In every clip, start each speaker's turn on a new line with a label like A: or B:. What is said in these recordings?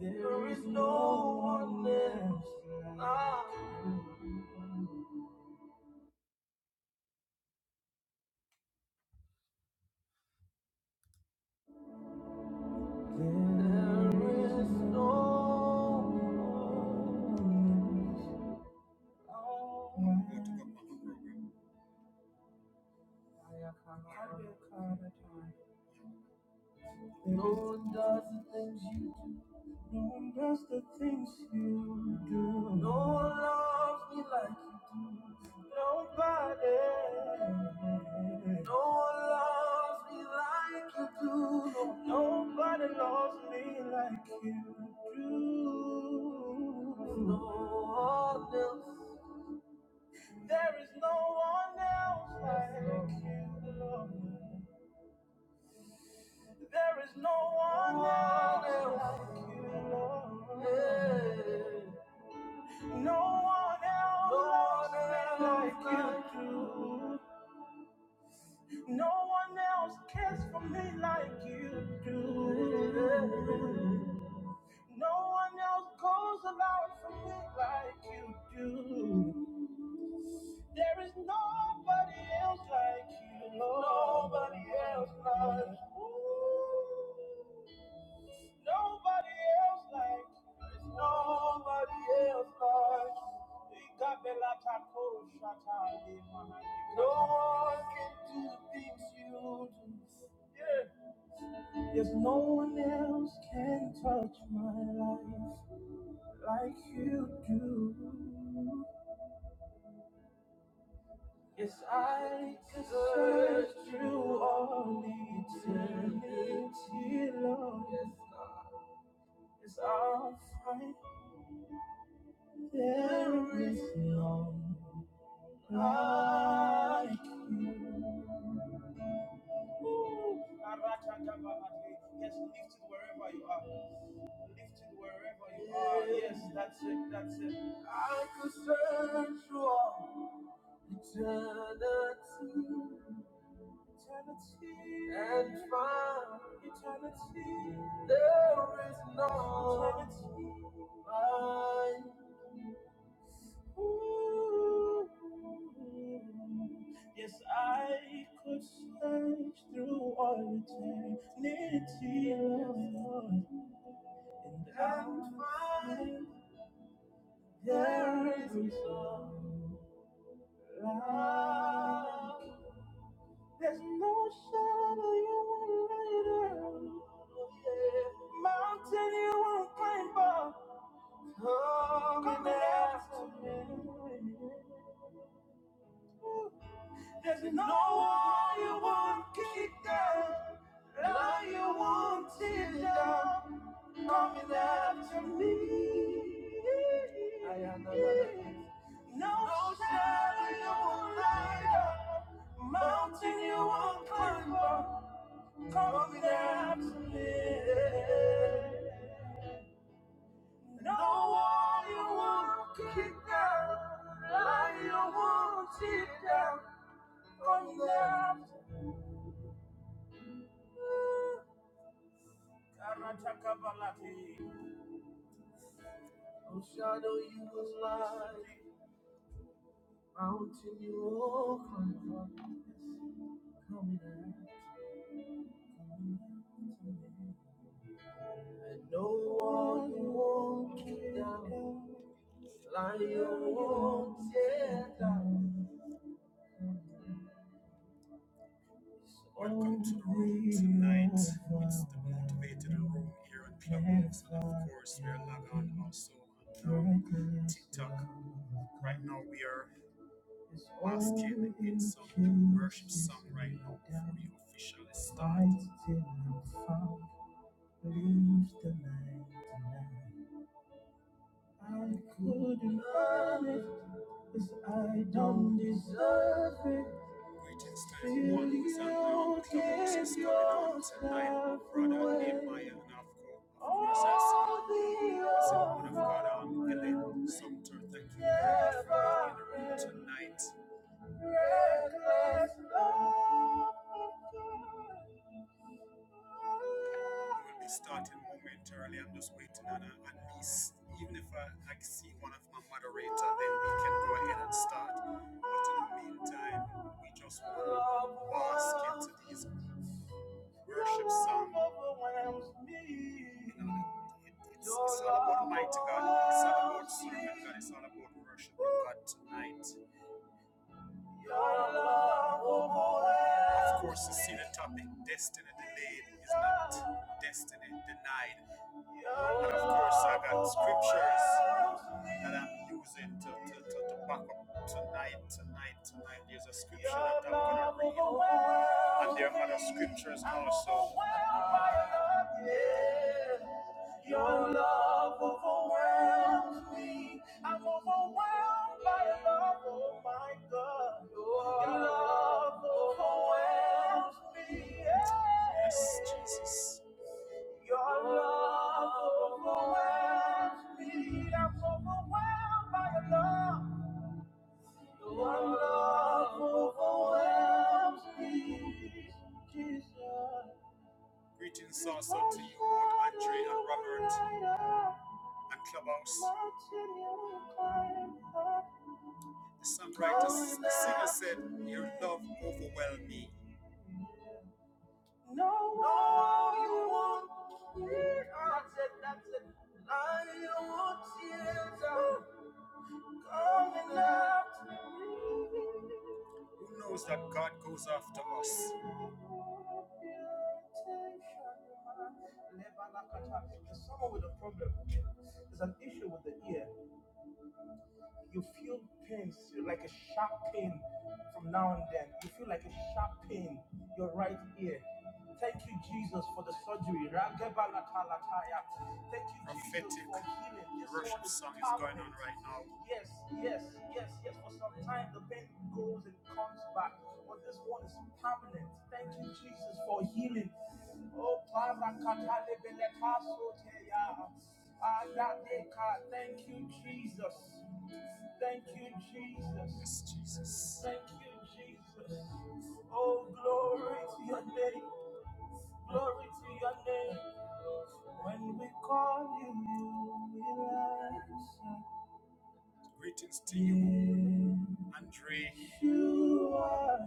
A: There is no one else like you. There is no one else. like you. No one does the things you do. No one does the things you do. No one loves me like you do. Nobody. No one loves me like you do. Nobody loves me like you do. No one else. There is no one else like you, Lord. There is no one else like you, Lord. Yeah. No one else No loves me like like you do. No one else cares for me like you do. Yeah. No one else goes along for me like you do. There is nobody else like you, Lord. Nobody else like you. Nobody else like you. There's nobody else like you. You got the latter cold shot out in my hand. No one can do the things you do. Yeah. There's no one else can touch my life like you do. Yes, I could search through all eternity, Lord. Yes, I'll find There is no like you. Ooh, Arakakabahate. Yes, lift it wherever you are. Lift it wherever you are. Yes, that's it. That's it. I could search for eternity, eternity, and find eternity. There is no eternity. like Ooh, Yes, I could search through all eternity, Lord, and I'd find there is no love. There's no shadow you won't light up. Mountain you won't climb up. Come and ask me. There's no wall you won't kick down, lie you won't tear down, coming after me. I am another. No shadow you won't light up, mountain you won't climb up, coming after me. No wall you won't kick down, lie you won't tear down, coming after me. Karatakabalati. No shadow you was like mountain you all climb up. Coming after And no one you won't kick down. Lion you won't tear down. Welcome to the room tonight. It's the motivated room here at Clubhouse, and of course we are live on also on um, TikTok. Right now we are. Once can end something worship song right now before we officially start. Leave the night tonight. I couldn't earn it, cause I don't deserve it. Greetings to everyone who is around Clubhouse is coming out tonight. My brother Nehemiah and Afko, of course, I see you. I see woman of God, I'm Ellen Sumter. Thank you very much for being in the room tonight. We'll be starting momentarily. I'm just waiting on a, at least, even if I, I see one of my moderator, then we can go ahead and start. But in the meantime, we just want to bask into these worship songs. You know, it's, it's all about mighty God. It's all about serving God. It's all about worshiping God tonight. Of course, you see the topic destiny delayed is not destiny denied. And of course, I got scriptures that I'm using to, to, to, to back up tonight, tonight, tonight. There's a scripture that I'm going to read. And there are other scriptures also. Your love overwhelms me. I'm overwhelmed by your love, oh my God. Your love overwhelms me. Yes, Jesus. Your love overwhelms me. I'm overwhelmed by your love. Your love overwhelms me. Jesus. Greetings, Salsa, to you, Lord Andre and Robert and Clubhouse. The songwriter, the singer said, Your love overwhelmed me. No, no, you won't. Yeah, I said, That's it. I want tears are coming out. Who knows that God goes after us? someone with a problem. There's an issue with the ear. You feel pains, like a sharp pain from now and then. You feel like a sharp pain, your right ear. Thank you, Jesus, for the surgery. Ragebalatalakaya. Thank you, Prophetic Jesus, for healing. This worship song is going on right now. Yes, yes, yes, yes. For some time, the pain goes and comes back, but this one is permanent. Thank you, Jesus, for healing. Oh, Parakatalevelekasoteya. Adadeka. Thank you, Jesus. Thank you, Jesus. Yes, Jesus. Thank you, Jesus. Oh, glory to your name. Glory to your name. When we call you, you will answer. Greetings to you, Andre. You are.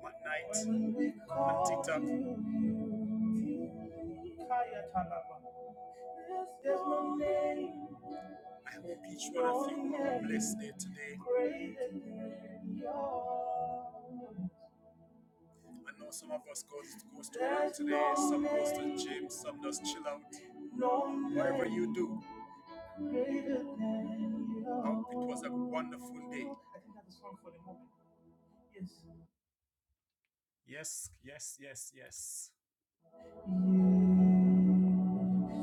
A: One night. When we and call TikTok. you, you Kaya Talaba. There's no name. I hope each one of no you will be name blessed there today. Greater than yours. I know some of us goes goes to work today, some goes to the gym, some just chill out. Whatever you do, oh, it was a wonderful day. I think that's a song for the moment. Yes, yes, yes, yes. yes.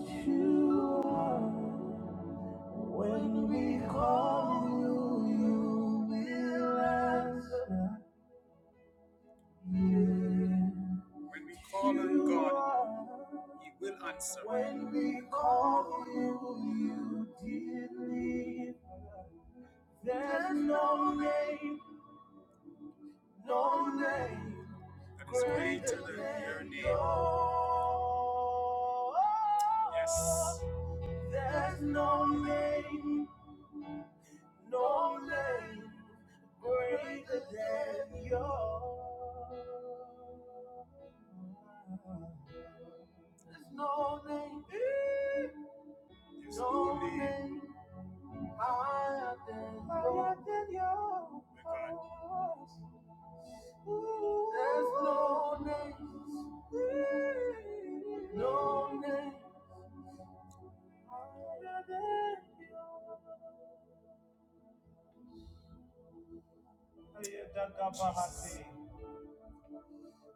A: Yes, you are. When we call you, you will answer. When we call on God, He will answer. When we call on you, you deliver. There's no name, no name that is greater than your name. Yes. There's no name, no name greater than yours. There's no name, There's no no name higher than higher than yours. There's no name, no name higher than yours. Yeah,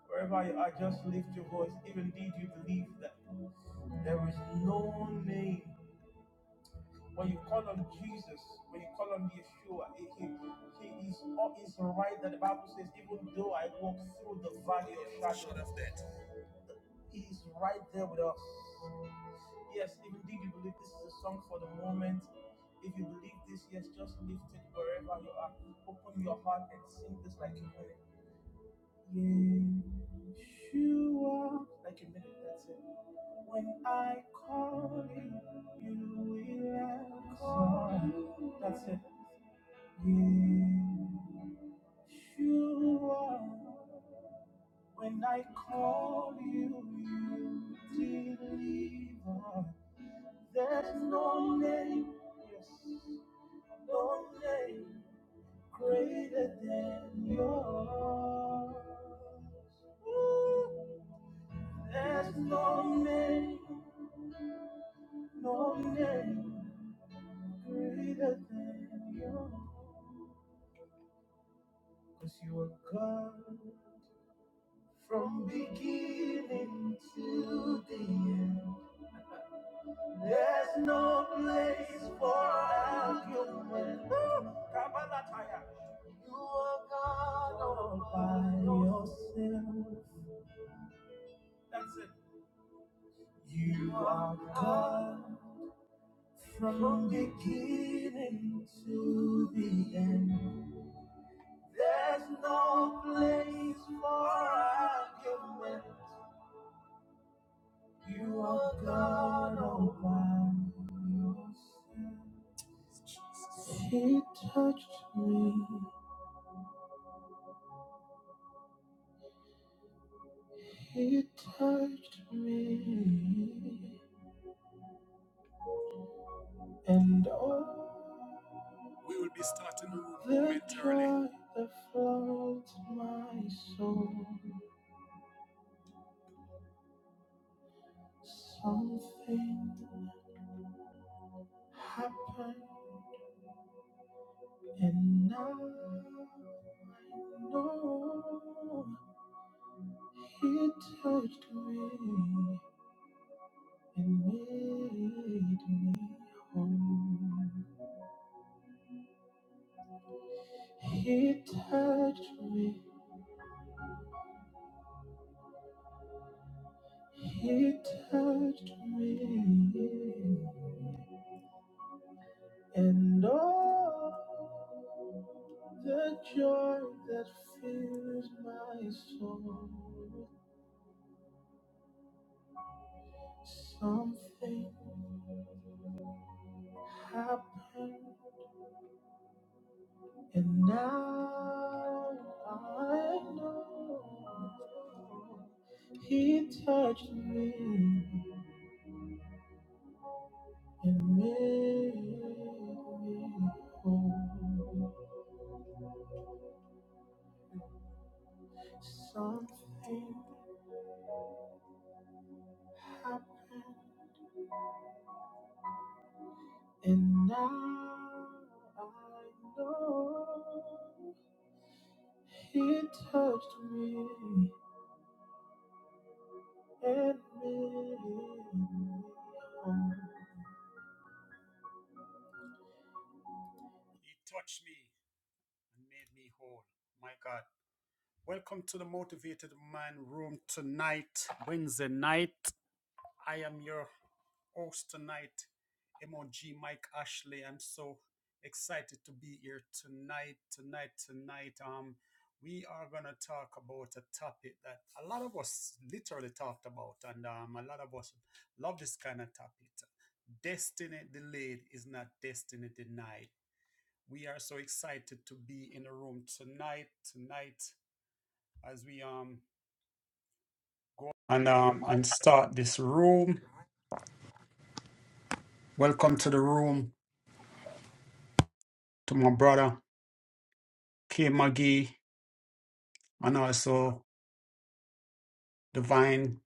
A: Wherever you are, just lift your voice. if indeed you believe that there is no name? When you call on Jesus, when you call on Yeshua, he, he, he is all is right that the Bible says, even though I walk through the valley of shadow of death, he is right there with us. Yes, even if you believe this is a song for the moment, if you believe this, yes, just lift it wherever you are. Open your heart and sing this like you mean it. Yeshua. Like a minute, that's it. When I call you, you will answer. That's it. Yeshua. When I call you, you deliver. There's no name, yes, no name greater than yours. Ooh. There's no name, no name greater than you. Cause you are God from beginning to the end. There's no place for argument. Woo! Kabalataya. You are God all by yourself. That's it. You are God from beginning to the end. There's no place for argument. You are God all by yourself. He touched me. He touched me. And oh, we will be starting the room the momentarily. Joy that floods my soul. Something happened, and now. No, he touched me and made me whole. He touched me, he touched me, and all the joy that fills my soul. Something happened And now I know He touched me and made me whole. Something happened, and now I know He touched me and made me whole. He touched me me and made me whole, my God. Welcome to the Motivated Man Room tonight, Wednesday night. I am your host tonight, MOG Mike Ashley. I'm so excited to be here tonight, tonight, tonight. Um, we are gonna talk about a topic that a lot of us literally talked about, and um, a lot of us love this kind of topic. Destiny delayed is not destiny denied. We are so excited to be in the room tonight, tonight, as we um and um and start this room. Welcome to the room to my brother K Magee and also Divine.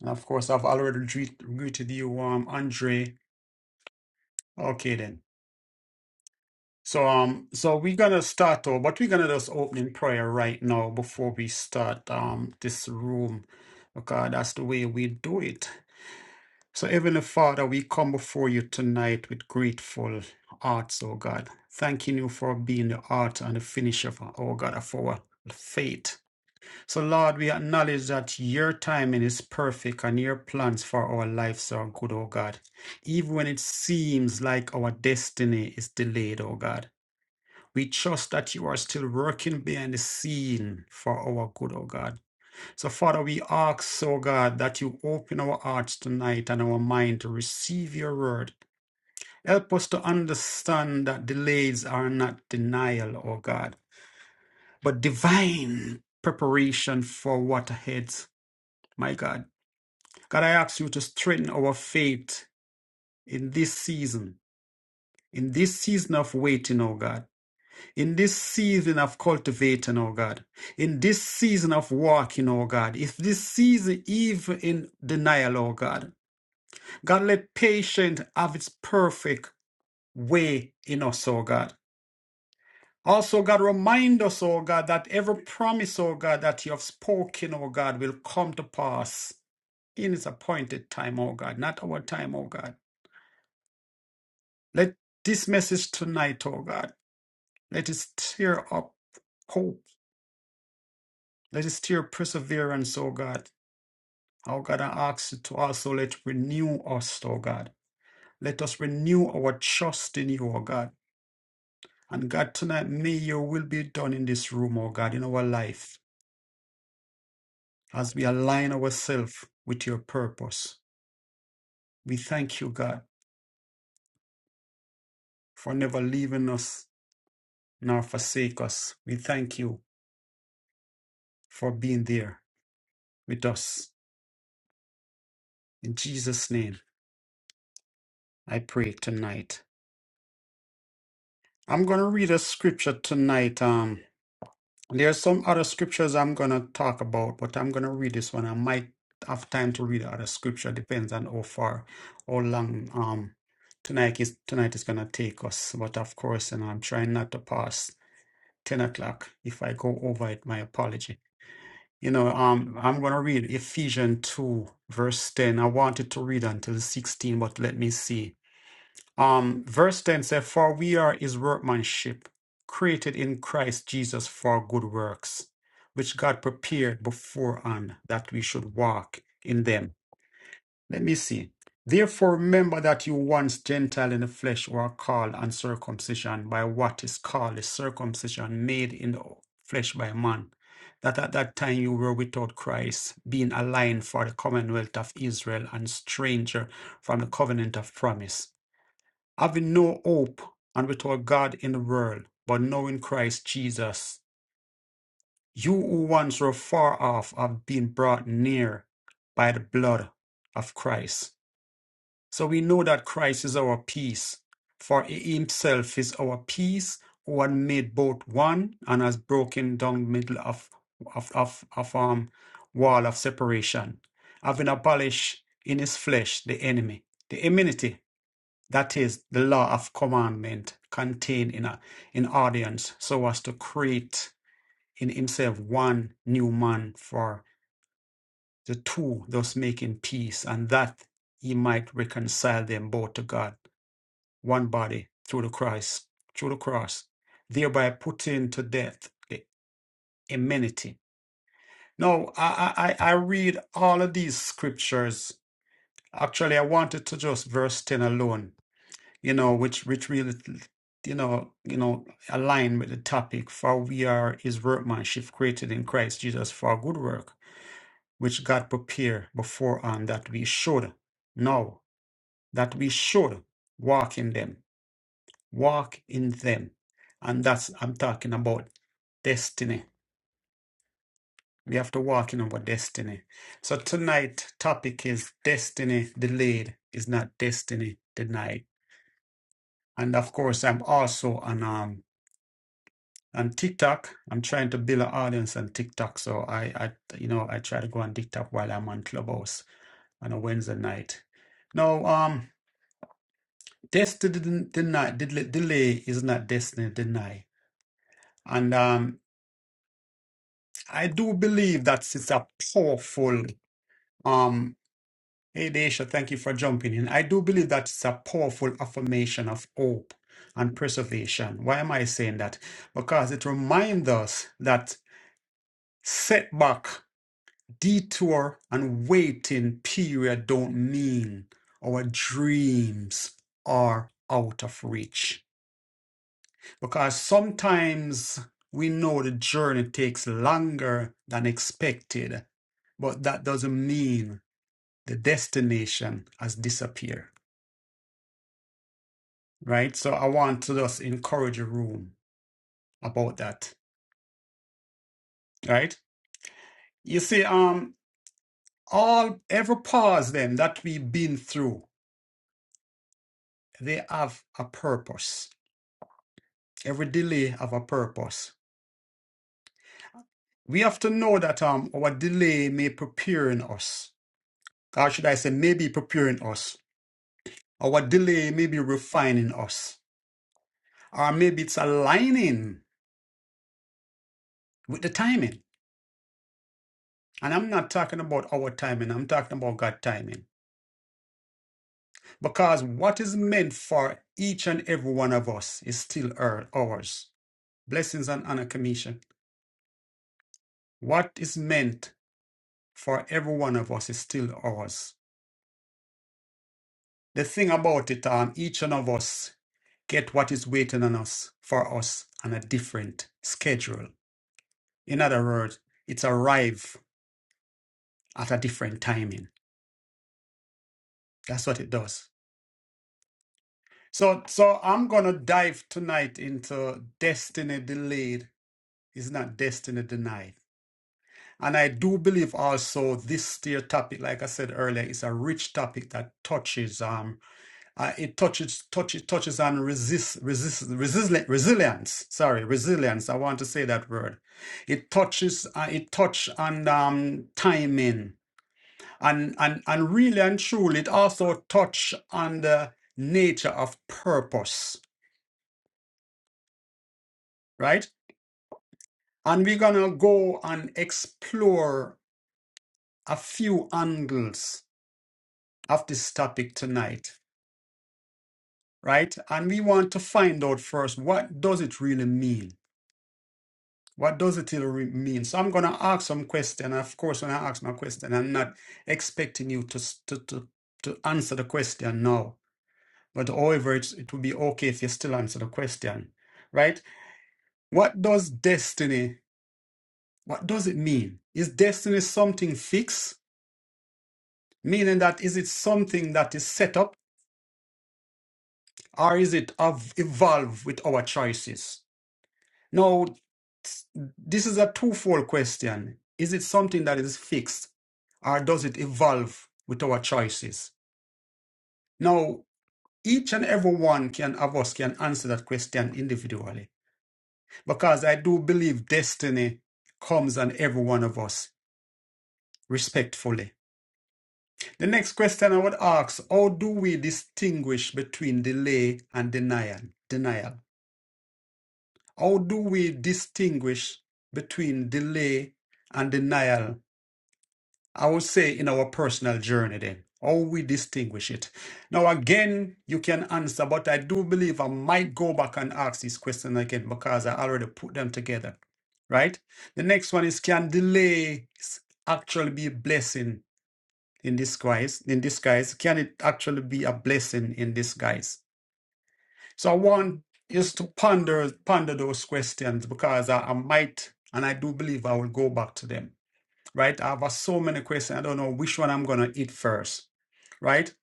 A: And of course I've already greet, greeted you, um Andre. Okay then. So um so we're gonna start off, but we're gonna just open in prayer right now before we start um this room because that's the way we do it. So, Heavenly Father, we come before you tonight with grateful hearts, O God, thanking you for being the art and the finisher, of, O God, of our faith. So, Lord, we acknowledge that your timing is perfect and your plans for our lives are good, O God. Even when it seems like our destiny is delayed, O God, we trust that you are still working behind the scene for our good, O God. So, Father, we ask, oh God, that you open our hearts tonight and our mind to receive your word. Help us to understand that delays are not denial, oh God, but divine preparation for what ahead, my God. God, I ask you to strengthen our faith in this season, in this season of waiting, oh God, in this season of cultivating, oh God, in this season of walking, oh God, if this season even in denial, oh God. God, let patience have its perfect way in us, oh God. Also, God, remind us, oh God, that every promise, oh God, that you have spoken, oh God, will come to pass in its appointed time, oh God, not our time, oh God. Let this message tonight, oh God, let it stir up hope. Let it stir perseverance, oh God. Oh God, I ask you to also let renew us, oh God. Let us renew our trust in you, oh God. And God, tonight, may your will be done in this room, oh God, in our life, as we align ourselves with your purpose. We thank you, God, for never leaving us nor forsake us. We thank you for being there with us. In Jesus' name, I pray tonight. I'm going to read a scripture tonight. Um. There are some other scriptures I'm going to talk about, but I'm going to read this one. I might have time to read other scripture, depends on how far, how long um tonight is tonight is going to take us. But of course, and I'm trying not to pass 10 o'clock. If I go over it, my apology. You know, um, I'm going to read Ephesians 2, verse 10. I wanted to read until 16, but let me see. Um, verse 10 says, For we are his workmanship, created in Christ Jesus for good works, which God prepared beforehand that we should walk in them. Let me see. Therefore, remember that you once Gentile in the flesh were called uncircumcision by what is called the circumcision made in the flesh by man. That at that time you were without Christ, being aligned for the commonwealth of Israel and stranger from the covenant of promise having no hope and without God in the world, but knowing Christ Jesus. You who once were far off have been brought near by the blood of Christ. So we know that Christ is our peace, for he himself is our peace, who had made both one and has broken down the middle of, of, of, of um, wall of separation, having abolished in his flesh the enemy, the enmity that is the law of commandment contained in a in audience so as to create in himself one new man for the two thus making peace and that he might reconcile them both to god one body through the christ through the cross thereby putting to death the enmity now i i I read all of these scriptures actually i wanted to just verse 10 alone you know, which which really, you know, you know, align with the topic. For we are His workmanship, created in Christ Jesus for good work, which God prepared beforehand that we should know that we should walk in them, walk in them, and that's I'm talking about destiny. We have to walk in our destiny. So tonight' topic is destiny delayed is not destiny denied, and of course I'm also an um And TikTok, I'm trying to build an audience on TikTok. So I, I, you know, I try to go on TikTok while I'm on Clubhouse on a Wednesday night. No, um, destiny didn't deny, del- delay is not destiny deny. And um, I do believe that it's a powerful, um, hey Daisha, thank you for jumping in. I do believe that it's a powerful affirmation of hope and preservation. Why am I saying that? Because it reminds us that setback. Detour and waiting period don't mean our dreams are out of reach. Because sometimes we know the journey takes longer than expected, but that doesn't mean the destination has disappeared, right? So I want to just encourage a room about that, right? You see, um, all every pause them that we've been through, they have a purpose Every delay have a purpose. We have to know that um our delay may preparing us, or should I say, maybe preparing us. Our delay may be refining us, or maybe it's aligning with the timing. And I'm not talking about our timing. I'm talking about God's timing, because what is meant for each and every one of us is still our- ours. Blessings and honor commission. What is meant for every one of us is still ours. The thing about it, um, each one of us get what is waiting on us for us on a different schedule. In other words, it's arrive at a different timing. That's what it does. So, so I'm gonna dive tonight into destiny delayed is not destiny denied. And I do believe also this dear topic, like I said earlier, is a rich topic that touches. um. Uh, it touches touches touches on resist resist resili- resilience. Sorry, resilience. I want to say that word. It touches uh, it touch on um, timing and and and really and truly, it also touch on the nature of purpose, right? And we're gonna go and explore a few angles of this topic tonight, right? And we want to find out first what does it really mean What does it till re- mean? So I'm going to ask some question. Of course, when I ask my question, I'm not expecting you to s- to to, to answer the question now. But however, it's, it would be okay if you still answer the question, right? What does destiny? What does it mean? Is destiny something fixed? Meaning that is it something that is set up, or is it of evolve with our choices? Now, this is a twofold question. Is it something that is fixed or does it evolve with our choices? Now, each and every one can, of us can answer that question individually because I do believe destiny comes on every one of us respectfully. The next question I would ask, how do we distinguish between delay and denial? Denial. How do we distinguish between delay and denial I would say in our personal journey then, how we distinguish it. Now again, you can answer, but I do believe I might go back and ask this question again because I already put them together, right? The next one is can delay s- actually be a blessing in disguise? In disguise, can it actually be a blessing in disguise? So I want is to ponder ponder those questions because I, I might and I do believe I will go back to them right? I have uh, so many questions. I don't know which one I'm going to eat first, right?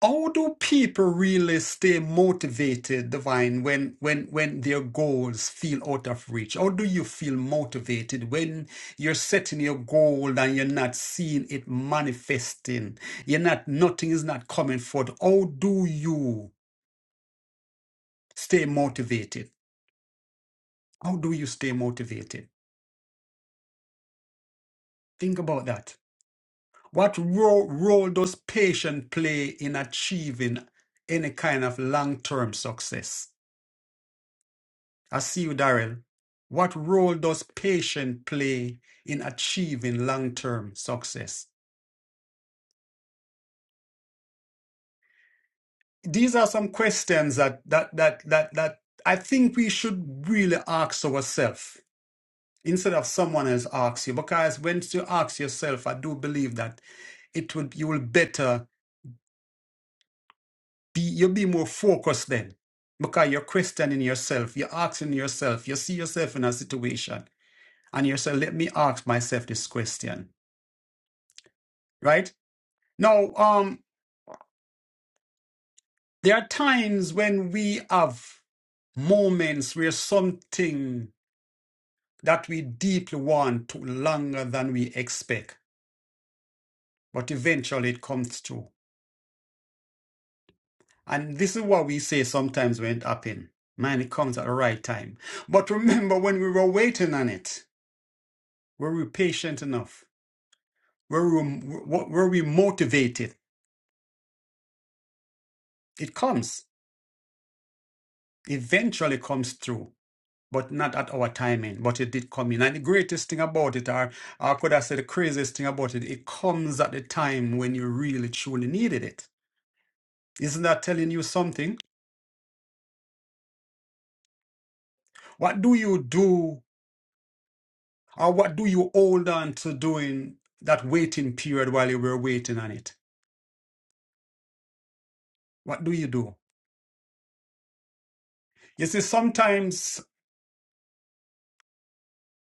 A: How do people really stay motivated, Divine, when when when their goals feel out of reach? How do you feel motivated when you're setting your goal and you're not seeing it manifesting? You're not nothing is not coming forth. How do you stay motivated? How do you stay motivated? Think about that. What ro- role does patience play in achieving any kind of long term success? I see you, Daryl. What role does patience play in achieving long term success? These are some questions that, that, that, that, that I think we should really ask ourselves instead of someone else asks you. Because when you ask yourself, I do believe that it would you will better be you will be more focused then because you're questioning yourself you're asking yourself you see yourself in a situation and you say let me ask myself this question right now um there are times when we have moments where something that we deeply want took longer than we expect but eventually it comes through and this is what we say sometimes when it happens man it comes at the right time but remember when we were waiting on it were we patient enough where we, where we motivated, it comes, eventually comes through, but not at our timing, but it did come in. And the greatest thing about it, or, or I could have said the craziest thing about it, it comes at the time when you really truly needed it. Isn't that telling you something? What do you do, or what do you hold on to doing that waiting period while you were waiting on it? What do you do? You see, sometimes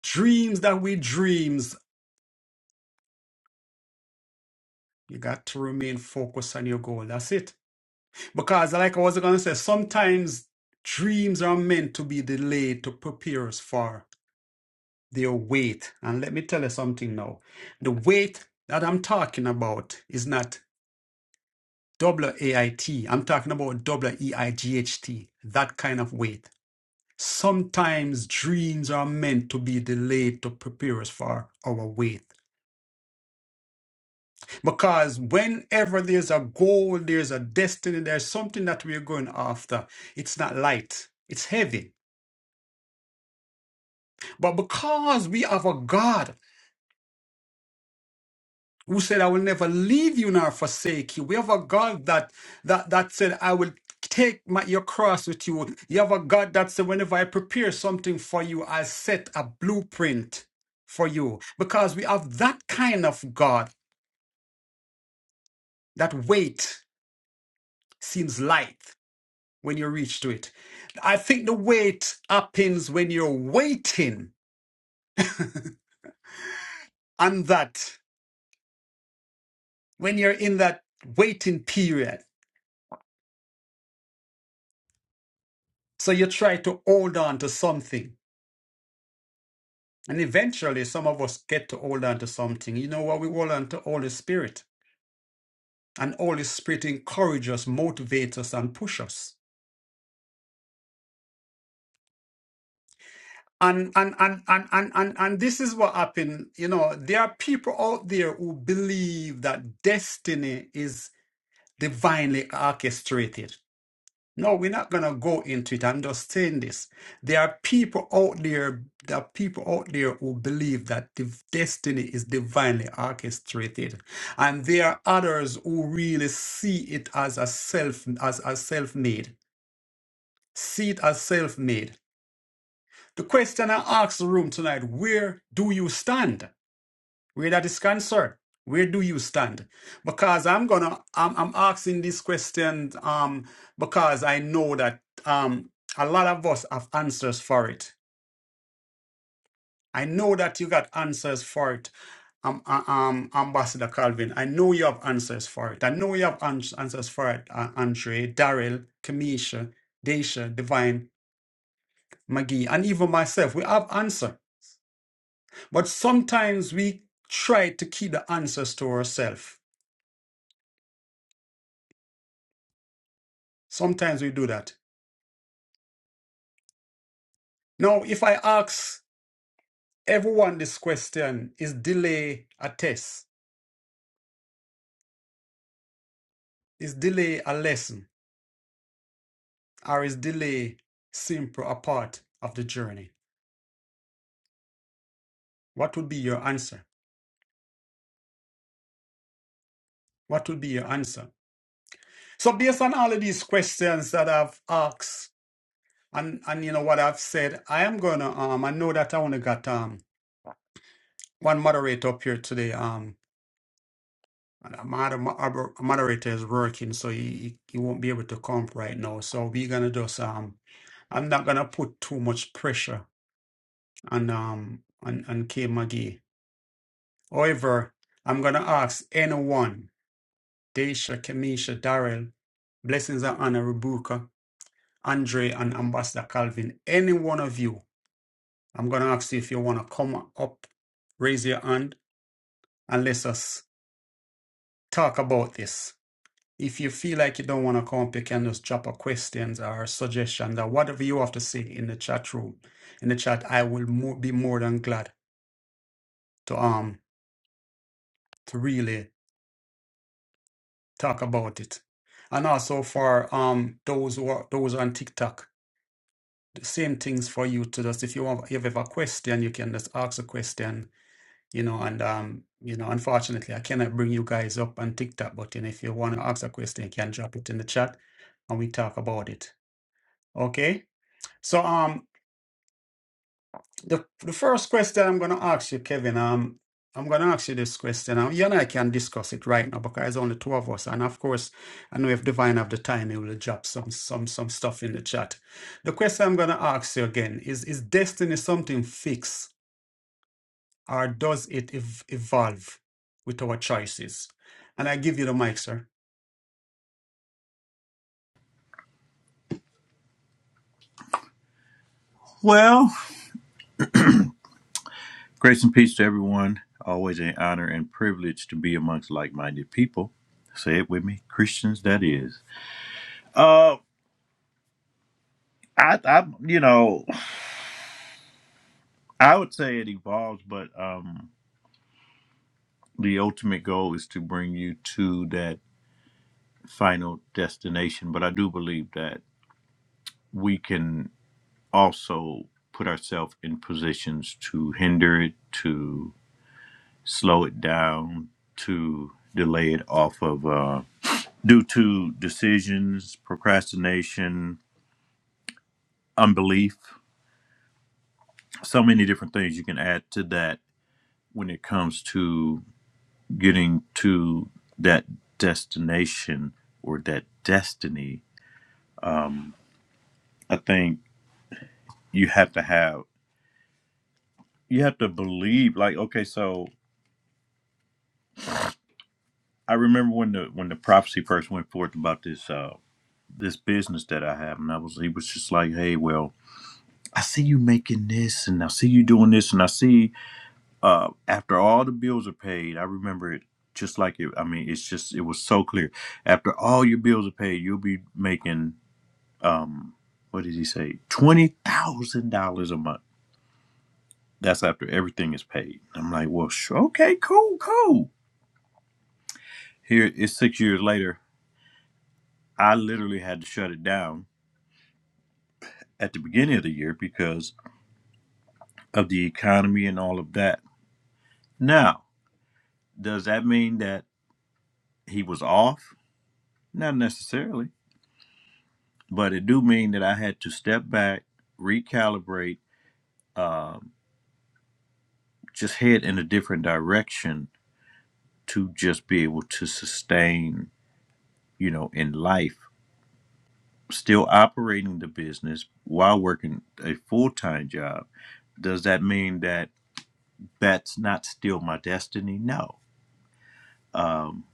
A: dreams that we dreams, you got to remain focused on your goal. That's it. Because, like I was going to say, sometimes dreams are meant to be delayed to prepare us for their weight. And let me tell you something now the weight that I'm talking about is not W A am talking about WEIGHT, that kind of weight. Sometimes dreams are meant to be delayed to prepare us for our weight. Because whenever there's a goal, there's a destiny, there's something that we're going after, it's not light, it's heavy But because we have a God who said, I will never leave you nor forsake you. We have a God that that that said, I will take my, your cross with you. You have a God that said, whenever I prepare something for you, I'll set a blueprint for you. Because we have that kind of God, that weight seems light when you reach to it. I think the weight happens when you're waiting on that, when you're in that waiting period So you try to hold on to something. And eventually, some of us get to hold on to something. You know what? We hold on to Holy Spirit. And Holy Spirit encourages us, motivates us, and push us. And, and, and, and, and, and, and this is what happened. You know, there are people out there who believe that destiny is divinely orchestrated. No, we're not going to go into it. I'm just saying this. There are people out there, there are people out there who believe that the destiny is divinely orchestrated. And there are others who really see it as a self, as a self-made. See it as self-made. The question I ask the room tonight, where do you stand? where that is concerned where do you stand because i'm gonna i'm, I'm asking this question um because i know that um a lot of us have answers for it i know that you got answers for it um, uh, um ambassador calvin i know you have answers for it i know you have ans- answers for it uh, andre daryl kamisha Daisha, divine mcgee and even myself we have answer but sometimes we try to keep the answers to ourselves sometimes we do that Now, if I ask everyone this question, is delay a test? Is delay a lesson? Or is delay simply a part of the journey? What would be your answer? What would be your answer? So, based on all of these questions that I've asked and, and you know what I've said, I am gonna um I know that I only got um one moderator up here today. Um and my other mo- other moderator is working, so he, he he won't be able to come right now. So we're gonna just um I'm not gonna put too much pressure on um on, on K McGee. However, I'm gonna ask anyone, Daisha, Kamisha, Darrell, Blessings and Honor, Rebuka, Andre and Ambassador Calvin, any one of you, I'm gonna ask you if you wanna come up, raise your hand, and let us talk about this. If you feel like you don't wanna come up, you can just drop a questions or suggestions or whatever you have to say in the chat room, in the chat. I will mo- be more than glad to um. to really talk about it. And also for um those who are those on TikTok, the same things for you to just if you have, if you have a question, you can just ask a question, you know, and um, you know, unfortunately I cannot bring you guys up on TikTok, but you know, if you want to ask a question, you can drop it in the chat and we talk about it. Okay? So um the the first question I'm going to ask you, Kevin, um, I'm going to ask you this question. Um, you and I can discuss it right now because it's only two of us, and of course, I know if Divine have the time, he will drop some some some stuff in the chat. The question I'm going to ask you again is: Is destiny something fixed, or does it ev- evolve with our choices? And I give you the mic, sir.
B: Well, grace and peace to everyone. Always an honor and privilege to be amongst like-minded people. Say it with me, Christians. That is. Uh, I, I, you know, I would say it evolves, but um, the ultimate goal is to bring you to that final destination. But I do believe that we can also put ourselves in positions to hinder it, to slow it down, to delay it off of. Uh, due to decisions, procrastination, unbelief, so many different things you can add to that when it comes to getting to that destination or that destiny. I think you have to have you have to believe like okay so I remember when the when the prophecy first went forth about this uh this business that I have and I was he was just like hey well I see you making this and I see you doing this and I see uh, after all the bills are paid, I remember it just like it. I mean, it's just it was so clear. After all your bills are paid, you'll be making um, what did he say? Twenty thousand dollars a month. That's after everything is paid. I'm like, well, sure, okay, cool, cool. Here it's six years later. I literally had to shut it down at the beginning of the year because of the economy and all of that. Now, does that mean that he was off? Not necessarily but it do mean that I had to step back, recalibrate, um, just head in a different direction to just be able to sustain, you know, in life. Still operating the business while working a full time job. Does that mean that that's not still my destiny? No. Um,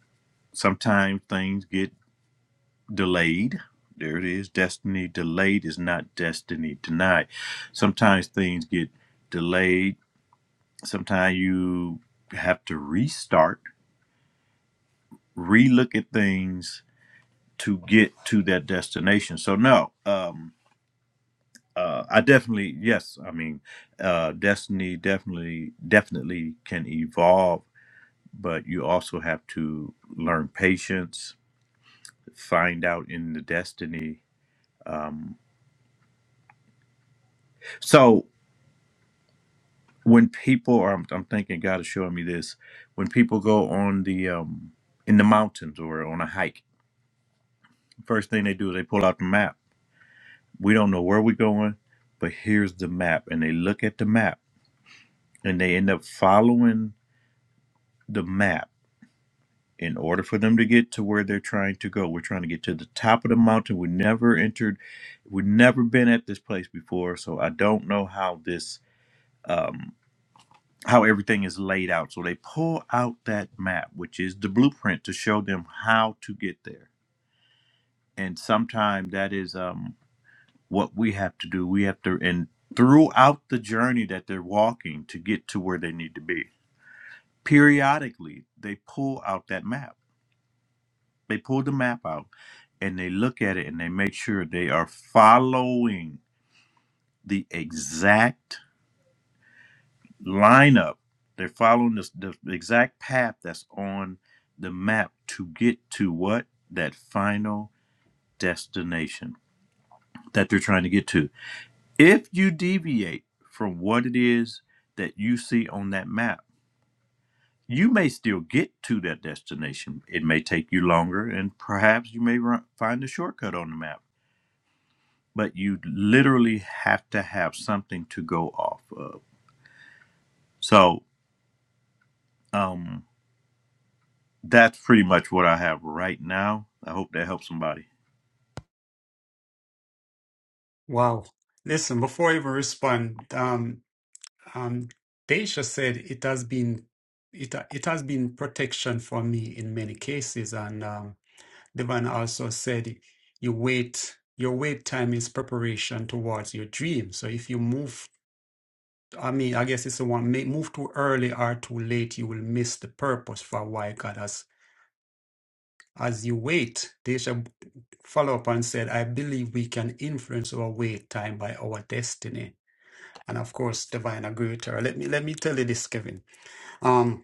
B: sometimes things get delayed. There it is. Destiny delayed is not destiny denied. Sometimes things get delayed sometimes you have to restart, relook at things to get to that destination. So no, um, uh, I definitely yes. I mean, uh, destiny definitely definitely can evolve, but you also have to learn patience, find out in the destiny. Um, so when people are, I'm, I'm thinking God is showing me this. When people go on the um, in the mountains or on a hike, first thing they do is they pull out the map we don't know where we're going, but here's the map. And they look at the map and they end up following the map in order for them to get to where they're trying to go. We're trying to get to the top of the mountain. We never entered, we've never been at this place before. So I don't know how this, um, how everything is laid out. So they pull out that map, which is the blueprint to show them how to get there. And sometimes that is, um, what we have to do. We have to, and throughout the journey that they're walking to get to where they need to be, periodically they pull out that map. They pull the map out and they look at it and they make sure they are following the exact lineup. They're following this, the exact path that's on the map to get to what? That final destination that they're trying to get to If you deviate from what it is that you see on that map, you may still get to that destination. It may take you longer, and perhaps you may run, find a shortcut on the map, but you literally have to have something to go off of. So um, that's pretty much what I have right now. I hope that helps somebody.
A: Wow. Listen, before I even respond, um. Um, Daisha said it has been it it has been protection for me in many cases, and um, Devon also said you wait your wait time is preparation towards your dream. So if you move, I mean, I guess it's the one may move too early or too late, you will miss the purpose for why God has. As you wait, Daisha follow up and said, "I believe we can influence our wait time by our destiny." And of course, Divine agreed with her. Let me let me tell you this, Kevin. Um,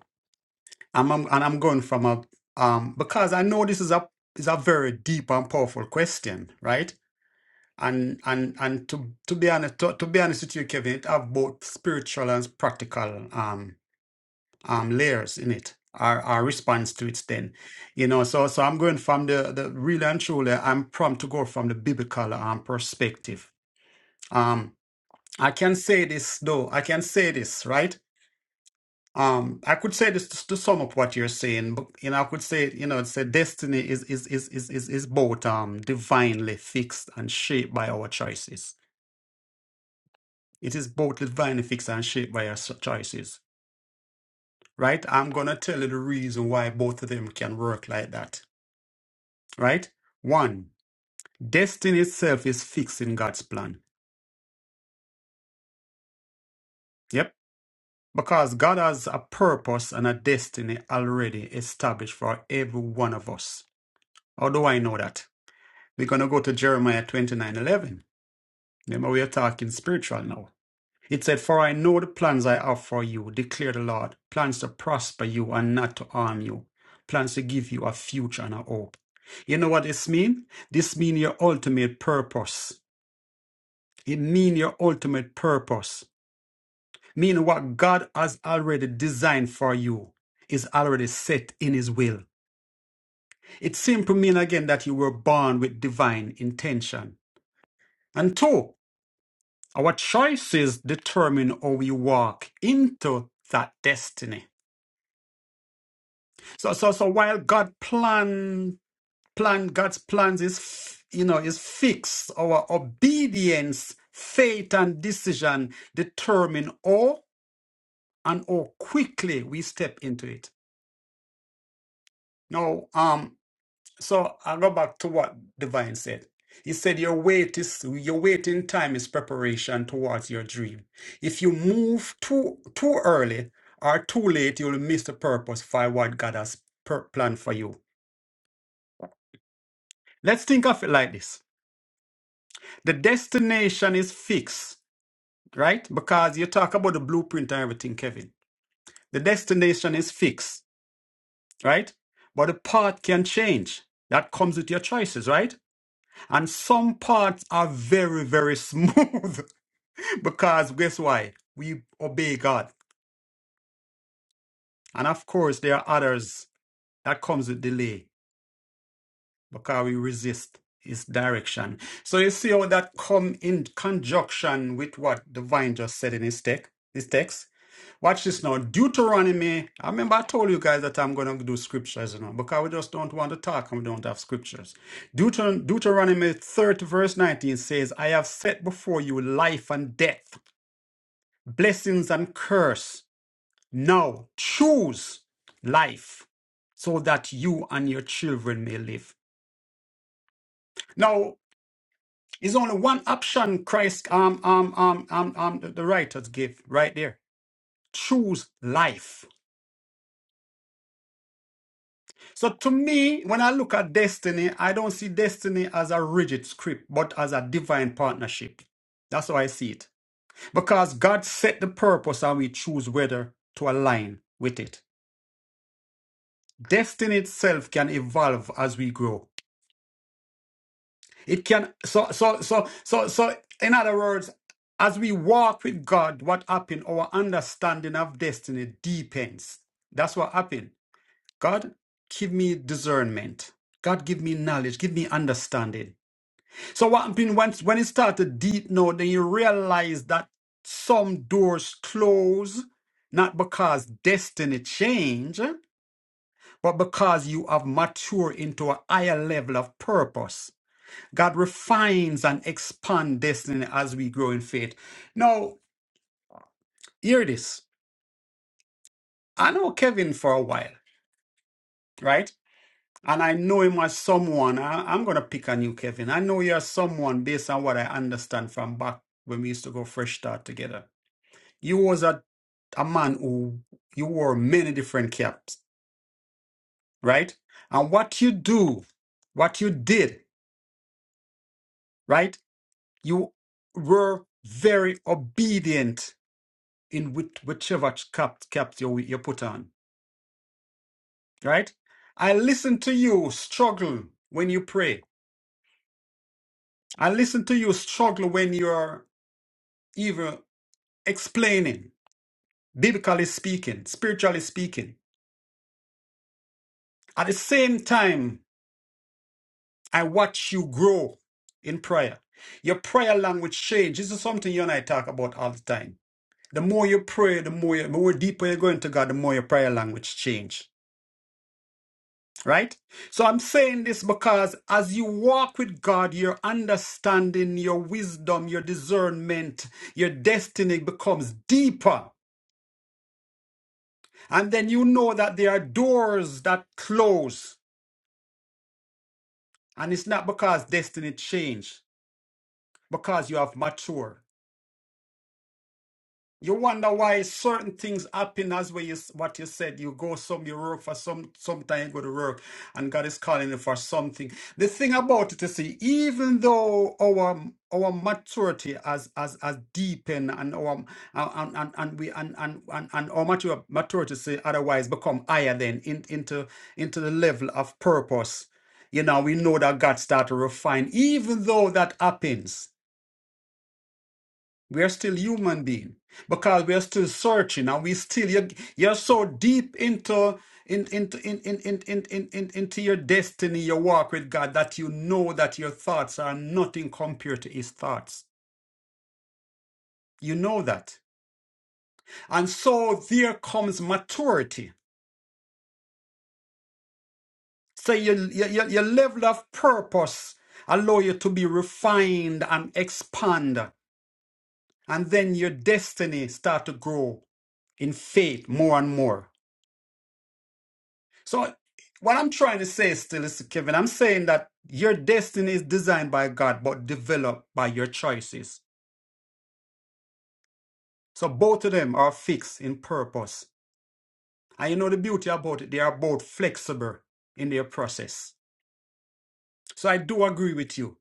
A: I'm, I'm and I'm going from a um because I know this is a is a very deep and powerful question, right? And and and to to be honest to, to be honest with you, Kevin, it have both spiritual and practical um um layers in it. Our our response to it then. You know, so so I'm going from the the really and truly I'm prompt to go from the biblical um perspective. Um I can say this though, I can say this, right? Um, I could say this to, to sum up what you're saying, but you know, I could say, you know, it's a destiny is is is is is is both um divinely fixed and shaped by our choices. It is both divinely fixed and shaped by our s- choices, right? I'm gonna tell you the reason why both of them can work like that, right? One, destiny itself is fixed in God's plan. Yep, because God has a purpose and a destiny already established for every one of us. How do I know that? We're going to go to Jeremiah 29 11. Remember, we are talking spiritual now. It said, For I know the plans I have for you, declare the Lord, plans to prosper you and not to harm you, plans to give you a future and a hope. You know what this means? This means your ultimate purpose. It means your ultimate purpose. Meaning what God has already designed for you is already set in His will. It simply means again that you were born with divine intention. And two, Our choices determine how we walk into that destiny. So, so, so while God plan, plan, God's plans is, f- you know, is fixed. Our obedience, faith, and decision determine how and how quickly we step into it. Now, um, So I'll go back to what Divine said. He said, Your wait is your waiting time is preparation towards your dream. If you move too too early or too late, you'll miss the purpose for what God has per- planned for you. Let's think of it like this. The destination is fixed, right? Because you talk about the blueprint and everything, Kevin. The destination is fixed, right? But the path can change. That comes with your choices, right? And some parts are very, very smooth because guess why? We obey God. And of course, there are others that comes with delay because we resist his direction. So you see how that come in conjunction with what the vine just said in his text. his text. Watch this now. Deuteronomy. I remember I told you guys that I'm going to do scriptures, you know, because we just don't want to talk and we don't have scriptures. Deuter- Deuteronomy 30, verse 19 says, I have set before you life and death, blessings and curse. Now choose life so that you and your children may live. Now, it's only one option Christ, um, um, um, um, um, the the writers give right there. Choose life. So to me, when I look at destiny, I don't see destiny as a rigid script, but as a divine partnership. That's how I see it. Because God set the purpose and we choose whether to align with it. Destiny itself can evolve as we grow. It can so so so so so in other words, as we walk with God, what happened, our understanding of destiny deepens. That's what happened. God, give me discernment. God, give me knowledge, give me understanding. So what happened once when it started deep now, then you realize that some doors close not because destiny change, but because you have matured into a higher level of purpose. God refines and expand destiny as we grow in faith. Now, hear this. I know Kevin for a while, right? And I know him as someone. I, I'm gonna pick on you, Kevin. I know you're someone based on what I understand from back when we used to go fresh start together you was a, a man who you wore many different caps, right? And what you do, what you did, right? You were very obedient in which, whichever cap cap you you put on, right? I listen to you struggle when you pray. I listen to you struggle when you're even explaining, biblically speaking, spiritually speaking. At the same time, I watch you grow in prayer. Your prayer language change. This is something you and I talk about all the time. The more you pray, the more you, the more deeper you are going to God, the more your prayer language change. Right? So I'm saying this because as you walk with God, your understanding, your wisdom, your discernment, your destiny becomes deeper. And then you know that there are doors that close. And it's not because destiny changed, because you have matured. You wonder why certain things happen as what you, what you said. You go some, you work for some, sometime you go to work and God is calling you for something. The thing about it is, see, even though our, our maturity has, has, has deepened and our, and, and, and we, and, and, and, and our mature, maturity, say, otherwise become higher then in, into, into the level of purpose. You know, we know that God start to refine, even though that happens we are still human being because we are still searching and we still you're, you're so deep into in, into in, in, in, in, in, in, into your destiny, your walk with God that you know that your thoughts are nothing compared to His thoughts. You know that, and so there comes maturity. So your your, your your level of purpose allow you to be refined and expand, and then your destiny start to grow in faith more and more. So what I'm trying to say still is Kevin, I'm saying that your destiny is designed by God, but developed by your choices. So both of them are fixed in purpose. And you know the beauty about it, they are both flexible in their process. So I do agree with you.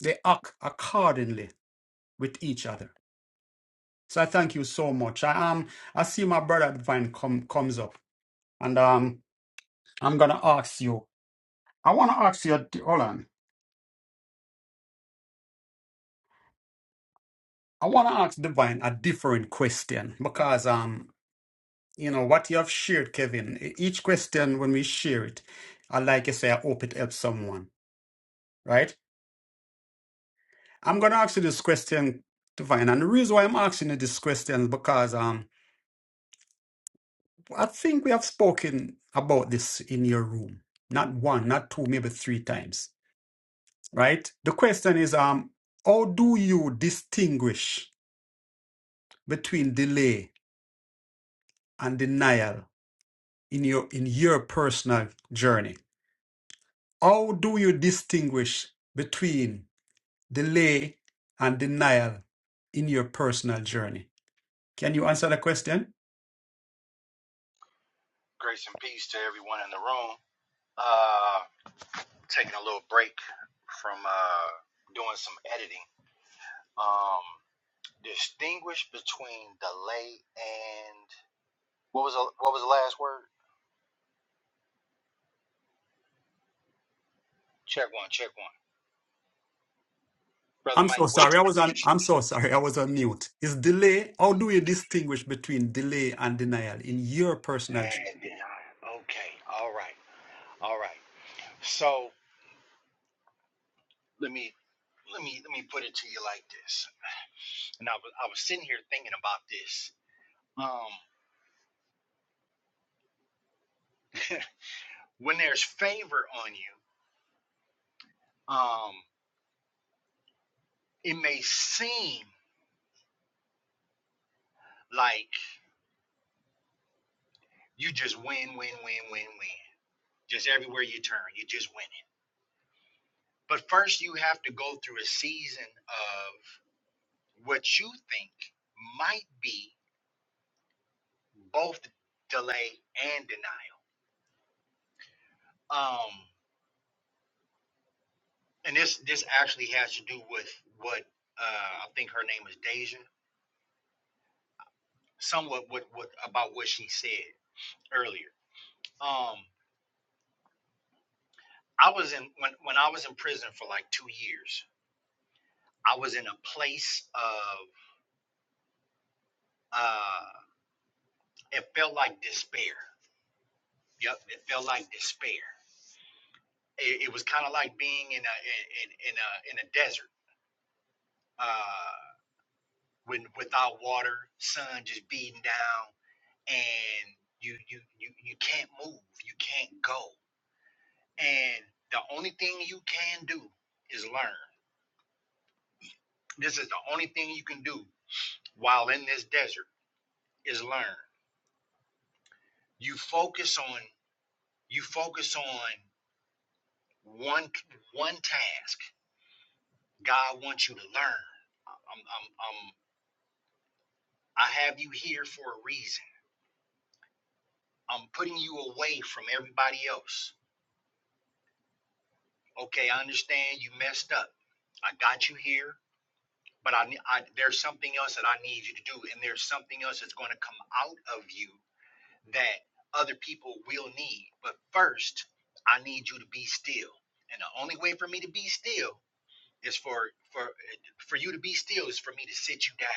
A: They act accordingly with each other. So I thank you so much. I um I see my brother Divine come comes up and um I'm gonna ask you. I wanna ask you hold on. I want to ask Divine a different question because, um, you know, what you have shared, Kevin, e- each question when we share it, I like you say, I hope it helps someone, right? I'm going to ask you this question, Divine. And the reason why I'm asking you this question is because um, I think we have spoken about this in your room, not one, not two, maybe three times, right? The question is, um, how do you distinguish between delay and denial in your in your personal journey? How do you distinguish between delay and denial in your personal journey? Can you answer the question?
C: Grace and peace to everyone in the room. Uh, taking a little break from uh, doing some editing. Um, distinguish between delay and what was the, what was the last word? Check one, check one. Brother
A: I'm so
C: Mike, what?
A: sorry. I was on I'm so sorry. I was on mute. Is delay how do you distinguish between delay and denial in your personal journey?
C: And denial. Okay, all right, all right. So let me let me let me put it to you like this. And I was I was sitting here thinking about this. Um, when there's favor on you, um, it may seem Like you just win, win, win, win, win. Just everywhere you turn, you just win it. But first, you have to go through a season of what you think might be both delay and denial. Um, and this this actually has to do with what uh, I think her name is Deja. Somewhat what what about what she said earlier. Um, I was in when when I was in prison for like two years. I was in a place of uh. it felt like despair. Yep, it felt like despair. It, it was kind of like being in a in, in a in a desert, uh, when without water, sun just beating down, and you you you you can't move, you can't go, and the only thing you can do is learn. This is the only thing you can do while in this desert is learn. You focus on you focus on one one task God wants you to learn. I'm, I'm, I'm, I have you here for a reason. I'm putting you away from everybody else. Okay, I understand you messed up. I got you here, but I, I there's something else that I need you to do, and there's something else that's going to come out of you that other people will need. But first, I need you to be still, and the only way for me to be still is for for for you to be still is for me to sit you down.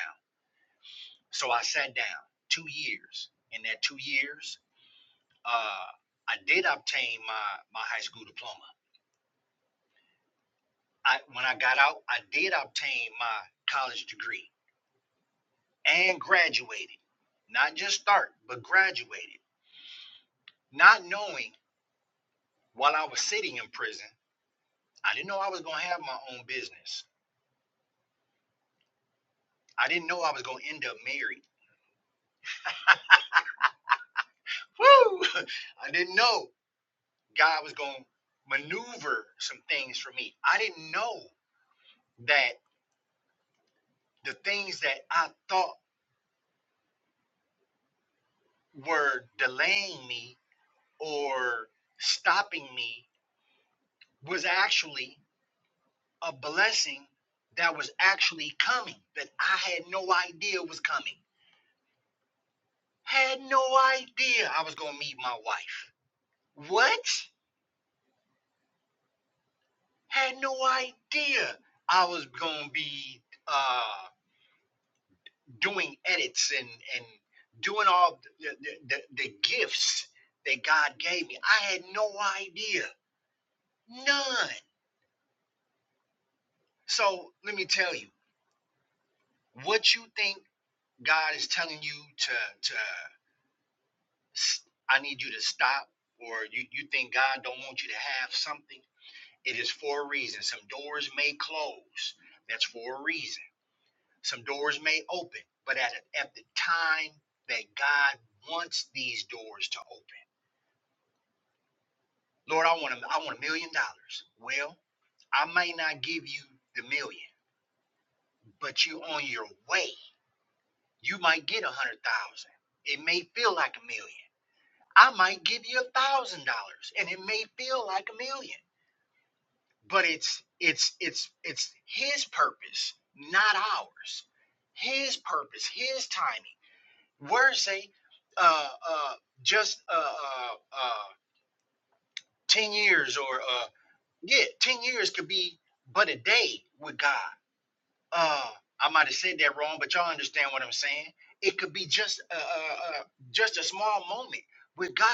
C: So I sat down two years. In that two years, uh, I did obtain my, my high school diploma. I, when I got out, I did obtain my college degree and graduated. Not just start, but graduated. Not knowing while I was sitting in prison, I didn't know I was going to have my own business. I didn't know I was going to end up married. Woo! I didn't know God was going to maneuver some things for me. I didn't know that the things that I thought were delaying me or stopping me was actually a blessing that was actually coming that I had no idea was coming. Had no idea I was going to meet my wife. What? Had no idea I was going to be uh, doing edits and, and doing all the, the, the the gifts that God gave me. I had no idea. None. So let me tell you, what you think God is telling you to to s- I need you to stop, or you, you think God don't want you to have something, it is for a reason. Some doors may close. That's for a reason. Some doors may open, but at, at the time that God wants these doors to open. Lord, I want a, I want a million dollars. Well, I may not give you the million, but you are on your way. You might get a hundred thousand. It may feel like a million. I might give you a thousand dollars and it may feel like a million. But it's it's it's it's his purpose, not ours. His purpose, his timing. Words say uh uh just uh uh uh ten years or uh yeah, ten years could be but a day with God. uh I might have said that wrong, but y'all understand what I'm saying. It could be just a, a, a just a small moment with God,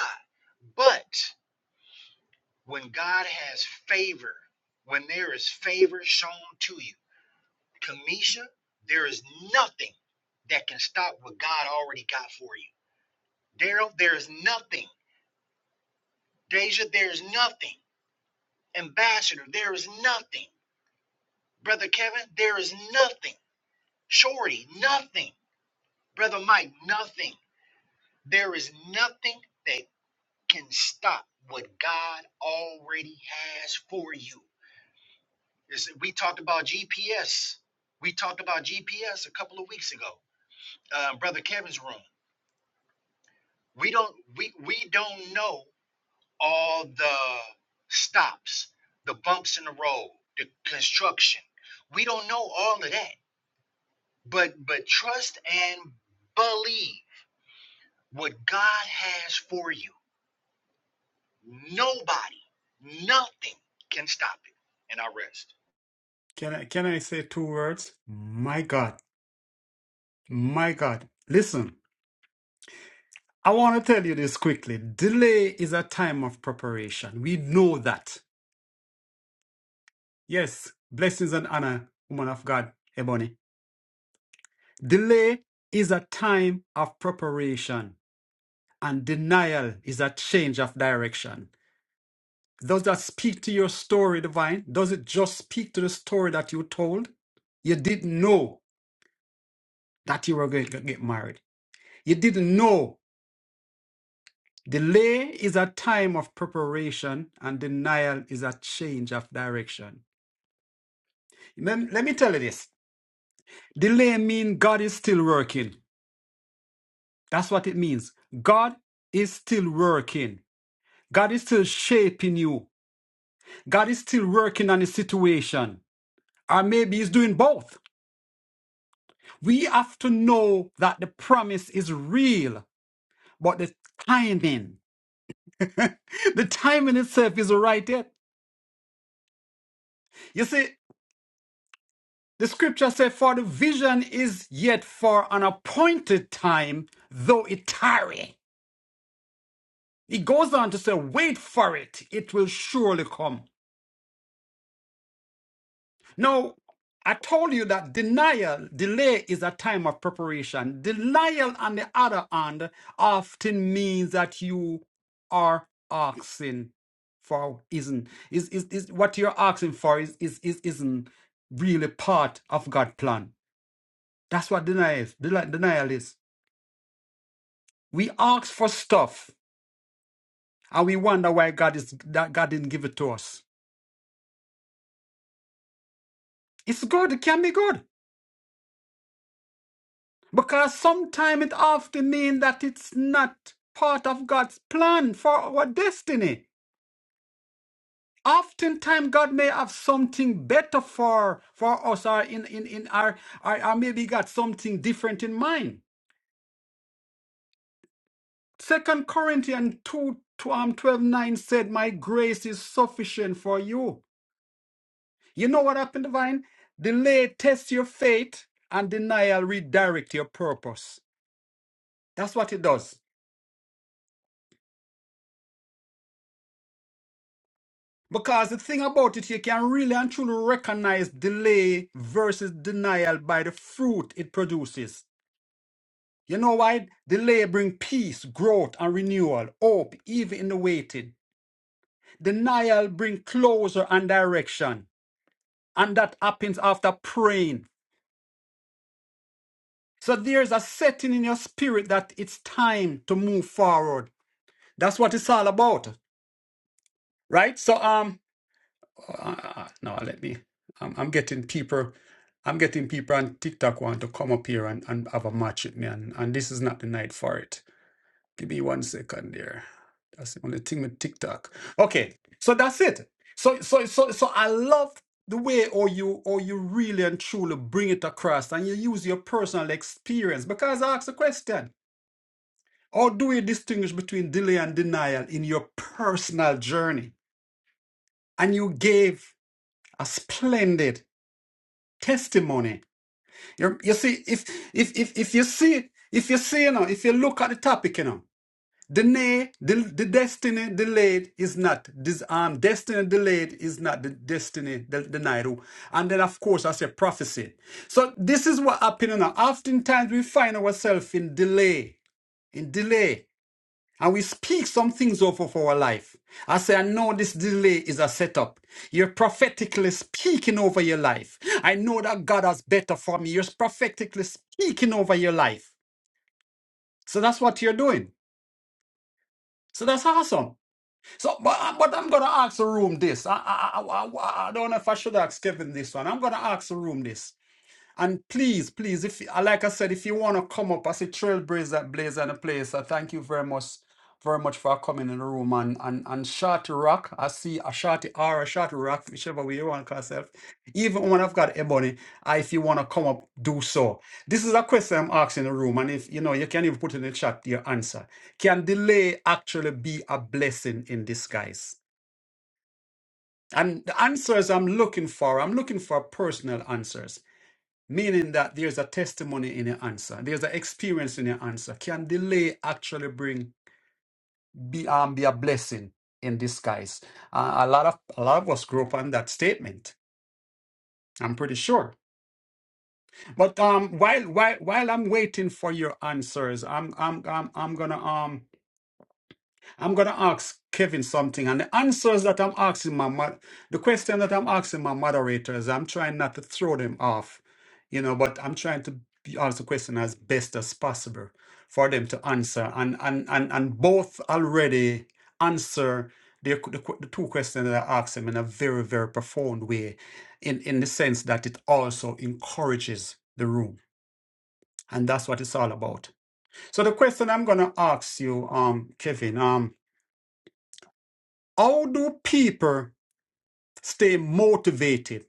C: but when God has favor, when there is favor shown to you, Kamisha, there is nothing that can stop what God already got for you. Daryl, there is nothing. Deja, there is nothing. Ambassador, there is nothing. Brother Kevin, there is nothing. Shorty, nothing. Brother Mike, nothing. There is nothing that can stop what God already has for you. It's- we talked about GPS. We talked about GPS a couple of weeks ago, uh, Brother Kevin's room. We don't we we don't know all the stops, the bumps in the road, the construction. We don't know all of that. But but trust and believe what God has for you. Nobody, nothing can stop it. And I rest.
A: Can I can I say two words? My God. My God. Listen. I want to tell you this quickly. Delay is a time of preparation. We know that. Yes, blessings and honor, woman of God, Ebony. Delay is a time of preparation, and denial is a change of direction. Does that speak to your story, divine? Does it just speak to the story that you told? You didn't know that you were going to get married. You didn't know. Delay is a time of preparation, and denial is a change of direction. Lem- Let, me tell you this. Delay means God is still working. That's what it means. God is still working. God is still shaping you. God is still working on the situation. Or maybe he's doing both. We have to know that the promise is real, but the timing, the timing itself is right yet. You see, the scripture says, For the vision is yet for an appointed time, though it tarry. He goes on to say, Wait for it, it will surely come. Now, I told you that denial, delay is a time of preparation. Denial, on the other hand, often means that you are asking for isn't is is, is what you're asking for is is, is isn't really part of God's plan. That's what denial is. Deli- Denial is. We ask for stuff and we wonder why God is that God didn't give it to us. It's good, it can be good. Because sometimes it often means that it's not part of God's plan for our destiny. Oftentimes God may have something better for, for us or in, in, in our or, or maybe got something different in mind. Second Corinthians 2 tw- um, 12 9 said, My grace is sufficient for you. You know what happened, Divine? Delay tests your faith and denial redirect your purpose. That's what it does. Because the thing about it, you can really and truly recognize delay versus denial by the fruit it produces. You know why? Delay bring peace, growth, and renewal, hope, even in the waiting. Denial bring closure and direction. And that happens after praying. So there's a setting in your spirit that it's time to move forward. That's what it's all about. Right? So um Uh, no, let me. I'm, I'm getting people. I'm getting people on TikTok want to come up here and, and have a match with me, and, and this is not the night for it. Give me one second there. That's the only thing with TikTok. Okay, so that's it. So so so so I love the way or you or you really and truly bring it across, and you use your personal experience because I asked a question. How do you distinguish between delay and denial in your personal journey? And you gave a splendid testimony. You, you see, if if if if you see if you see you know, if you look at the topic, you know, delay, the the destiny delayed is not this um destiny delayed is not the destiny de- denied. And then of course I say prophecy. So this is what happening now. Oftentimes we find ourselves in delay, in delay. And we speak some things off of our life. I say, I know this delay is a setup. You're prophetically speaking over your life. I know that God has better for me. You're prophetically speaking over your life. So that's what you're doing. So that's awesome. So, but, but I'm going to ask the room this. I, I, I, I, I don't know if I should ask Kevin this one. I'm going to ask the room this. And please, please, if uh, like I said, if you want to come up as a trailblazer blazer in the place, I thank you very much, very much for coming in the room and and and short rock. I see a short R, a short rock, whichever way you want to call yourself. Even when I've got ebony, uh, if you want to come up, do so. This is a question I'm asking in the room, and if you know you can even put in the chat your answer. Can delay actually be a blessing in disguise? And the answers I'm looking for, I'm looking for personal answers meaning that there's a testimony in your answer there's an experience in your answer can delay actually bring be um, be a blessing in disguise uh, a lot of a lot of us grew up on that statement i'm pretty sure but um while while while i'm waiting for your answers i'm i'm i'm, I'm gonna um I'm going to ask Kevin something, and the answers that I'm asking my mo- the question that I'm asking my moderators, I'm trying not to throw them off, you know, but I'm trying to be- answer question as best as possible for them to answer, and and and and both already answer the, the, que- the two questions that I asked them in a very very profound way, in in the sense that it also encourages the room, and that's what it's all about. So the question I'm going to ask you, um, Kevin, um, how do people stay motivated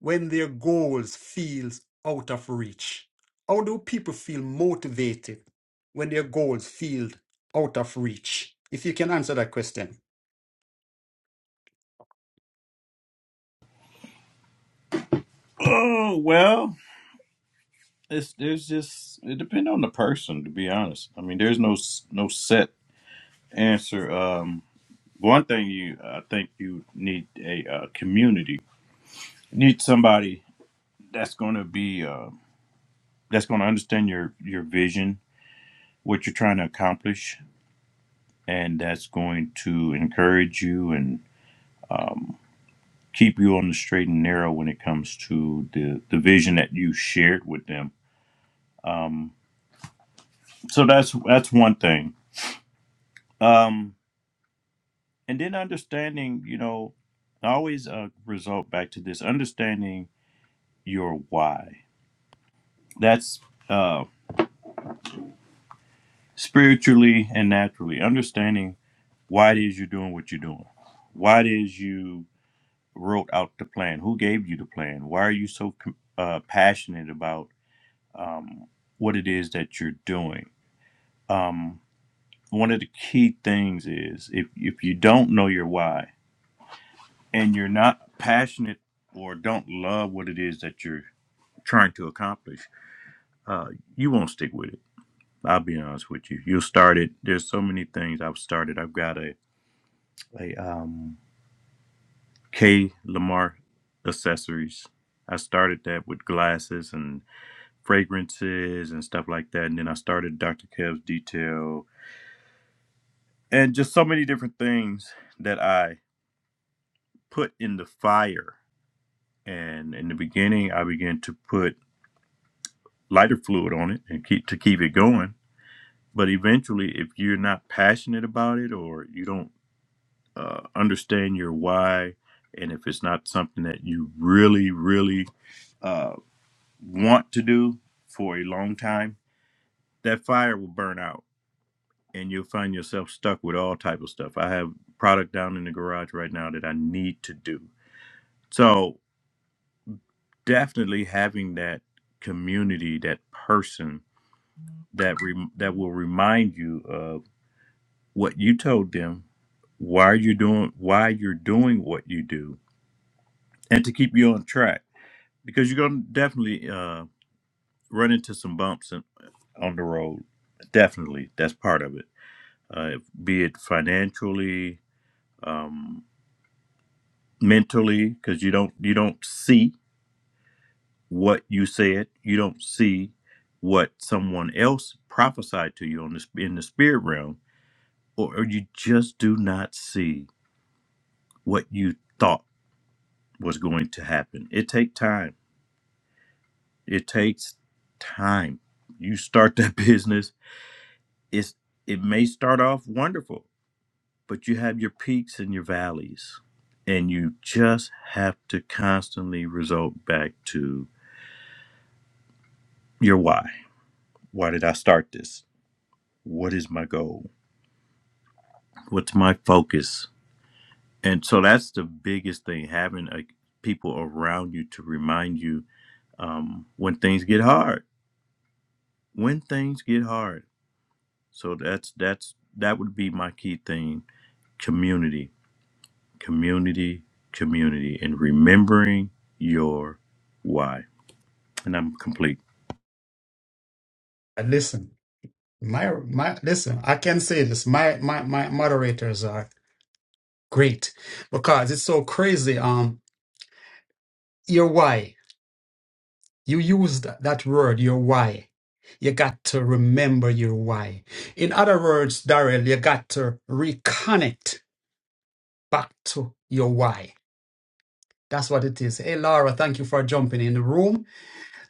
A: when their goals feels out of reach? How do people feel motivated when their goals feel out of reach? If you can answer that question.
B: Oh well, it's there's just it depends on the person to be honest. I mean, there's no s- no set answer. Um, One thing you, I think you need a uh, community. You need somebody that's going to be uh, that's going to understand your your vision, what you're trying to accomplish, and that's going to encourage you and um, keep you on the straight and narrow when it comes to the the vision that you shared with them. Um, so that's that's one thing. Um, and then understanding, you know, I always uh, result back to this understanding your why. That's uh, spiritually and naturally, understanding why it is you're doing what you're doing, why it is you wrote out the plan, who gave you the plan, why are you so com- uh, passionate about um, what it is that you're doing. Um, one of the key things is if, if you don't know your why and you're not passionate or don't love what it is that you're trying to accomplish, uh, you won't stick with it. I'll be honest with you. You'll start it. There's so many things I've started. I've got a a um K Lamar accessories. I started that with glasses and fragrances and stuff like that. And then I started Dr. Kev's detail and just so many different things that I put in the fire. And in the beginning I began to put lighter fluid on it and keep to keep it going. But eventually if you're not passionate about it or you don't uh, understand your why and if it's not something that you really, really uh want to do for a long time, that fire will burn out and you'll find yourself stuck with all type of stuff. I have product down in the garage right now that I need to do. So definitely having that community, that person that re- that will remind you of what you told them, why you're doing why you're doing what you do, and to keep you on track because you're gonna definitely uh, run into some bumps in, on the road. Definitely, that's part of it uh, be it financially, um, mentally, because you don't you don't see what you said, you don't see what someone else prophesied to you on this in the spirit realm, or, or you just do not see what you thought was going to happen. It take time. It takes time. You start that business. It's it may start off wonderful but you have your peaks and your valleys and you just have to constantly result back to your why why did i start this what is my goal what's my focus and so that's the biggest thing having a, people around you to remind you um, when things get hard when things get hard so that's that's that would be my key thing community community community and remembering your why And I'm complete.
A: And listen, my my listen, I can say this. My my my moderators are great because it's so crazy. Um, your why. You used that word, your why. You got to remember your why. In other words, Daryl, you got to reconnect back to your why. That's what it is. Hey, Laura, thank you for jumping in the room.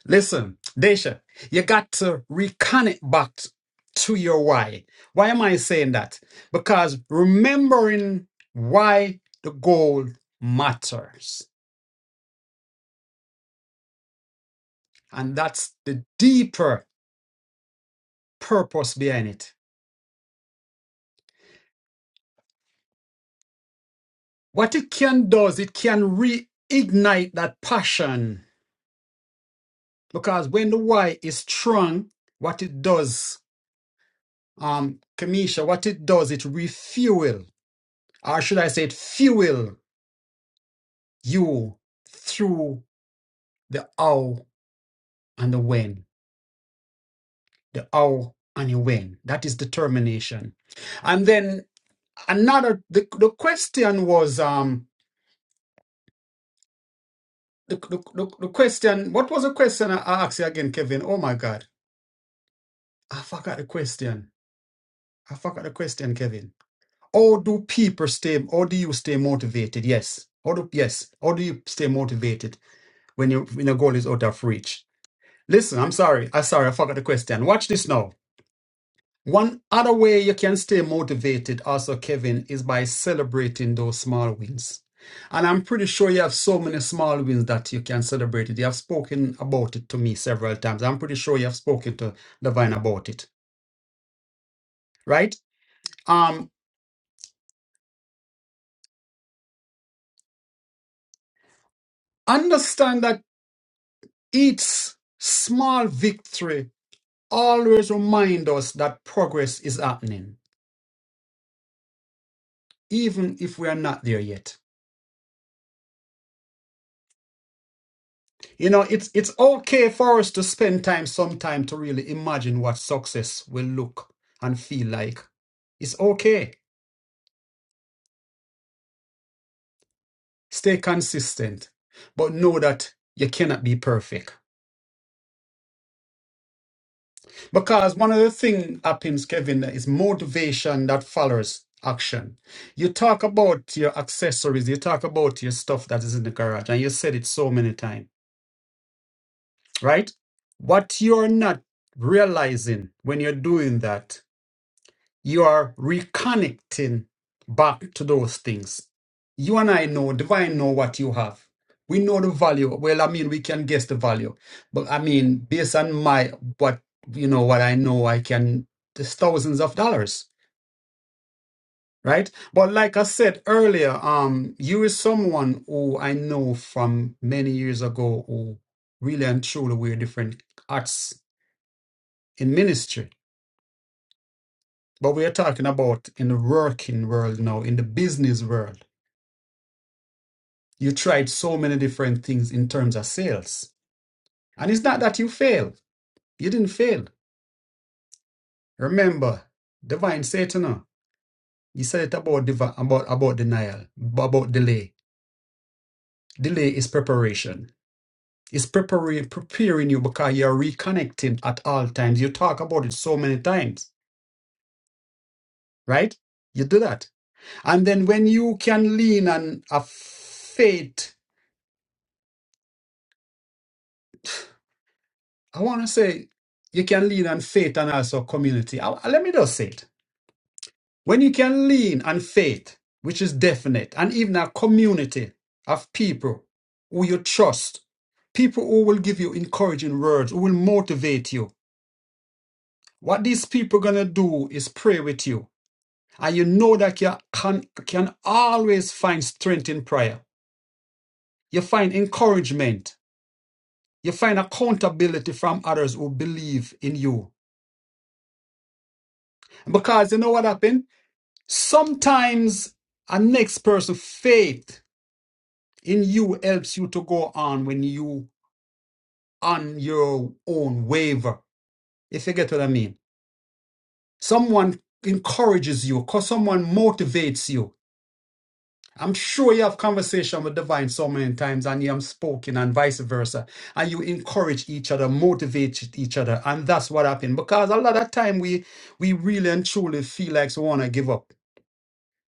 A: Listen, Desha, you got to reconnect back t- to your why. Why am I saying that? Because remembering why the goal matters. And that's the deeper purpose behind it. What it can does, it can reignite that passion. Because when the why is strong, what it does, um, Kamisha, what it does, it refuel, or should I say it fuel you through the how and the when. The how and the when. That is determination. And then another the, the question was um the, the, the, the question what was the question I asked you again, Kevin? Oh my god. I forgot the question. I forgot the question, Kevin. How do people stay? How do you stay motivated? Yes. How do yes? How do you stay motivated when you when your goal is out of reach? Listen, I'm sorry. I'm sorry. I forgot the question. Watch this now. One other way you can stay motivated, also Kevin, is by celebrating those small wins. And I'm pretty sure you have so many small wins that you can celebrate it. You have spoken about it to me several times. I'm pretty sure you have spoken to Divine about it, right? Um, understand that. Each small victory always reminds us that progress is happening, even if we are not there yet. You know, it's it's okay for us to spend time sometime to really imagine what success will look and feel like. It's okay. Stay consistent, but know that you cannot be perfect. Because one of the things happens, Kevin, is motivation that follows action. You talk about your accessories, you talk about your stuff that is in the garage, and you said it so many times, right? What you're not realizing when you're doing that you are reconnecting back to those things. You and I know, divine know what you have. We know the value. Well, I mean, we can guess the value, but I mean, based on my what you know, what I know, I can. There's thousands of dollars, right? But like I said earlier, um, you is someone who I know from many years ago who really and truly we're different arts in ministry, but we are talking about in the working world now, in the business world You tried so many different things in terms of sales. And it's not that you failed. You didn't fail. Remember, divine Satan, huh? he said it about, divi- about, about denial, about delay. Delay is preparation. It's preparing, preparing you because you're reconnecting at all times. You talk about it so many times, right? You do that. And then when you can lean on a faith, I want to say you can lean on faith and also community. I- let me just say it When you can lean on faith, which is definite, and even a community of people who you trust, people who will give you encouraging words, who will motivate you. What these people are going to do is pray with you. And you know that you can, can always find strength in prayer. You find encouragement. You find accountability from others who believe in you. Because you know what happened? Sometimes a next person faith in you helps you to go on when you on your own waver if you get what i mean someone encourages you cause someone motivates you i'm sure you have conversation with divine so many times and you have spoken and vice versa and you encourage each other motivate each other and that's what happened because a lot of time we we really and truly feel like we want to give up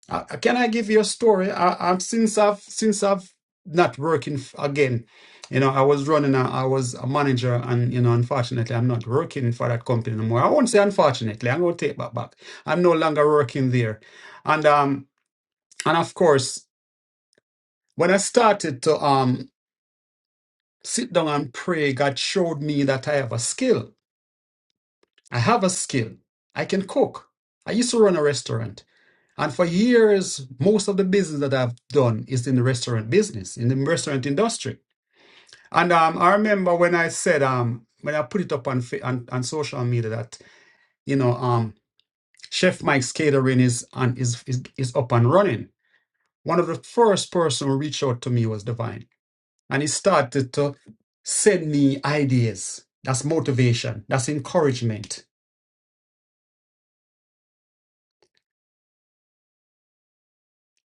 A: Uh, can I give you a story? I, I'm since I've since I've not working f- again. You know, I was running. A, I was a manager, and you know, unfortunately, I'm not working for that company anymore. I won't say unfortunately. I'm gonna take that back. I'm no longer working there, and um, and of course, when I started to um sit down and pray, God showed me that I have a skill. I have a skill. I can cook. I used to run a restaurant. And for years, most of the business that I've done is in the restaurant business, in the restaurant industry. And um, I remember when I said, um, when I put it up on, on on social media that you know, um, Chef Mike's Catering is on is, is is up and running. One of the first person who reached out to me was Divine, and he started to send me ideas. That's motivation. That's encouragement.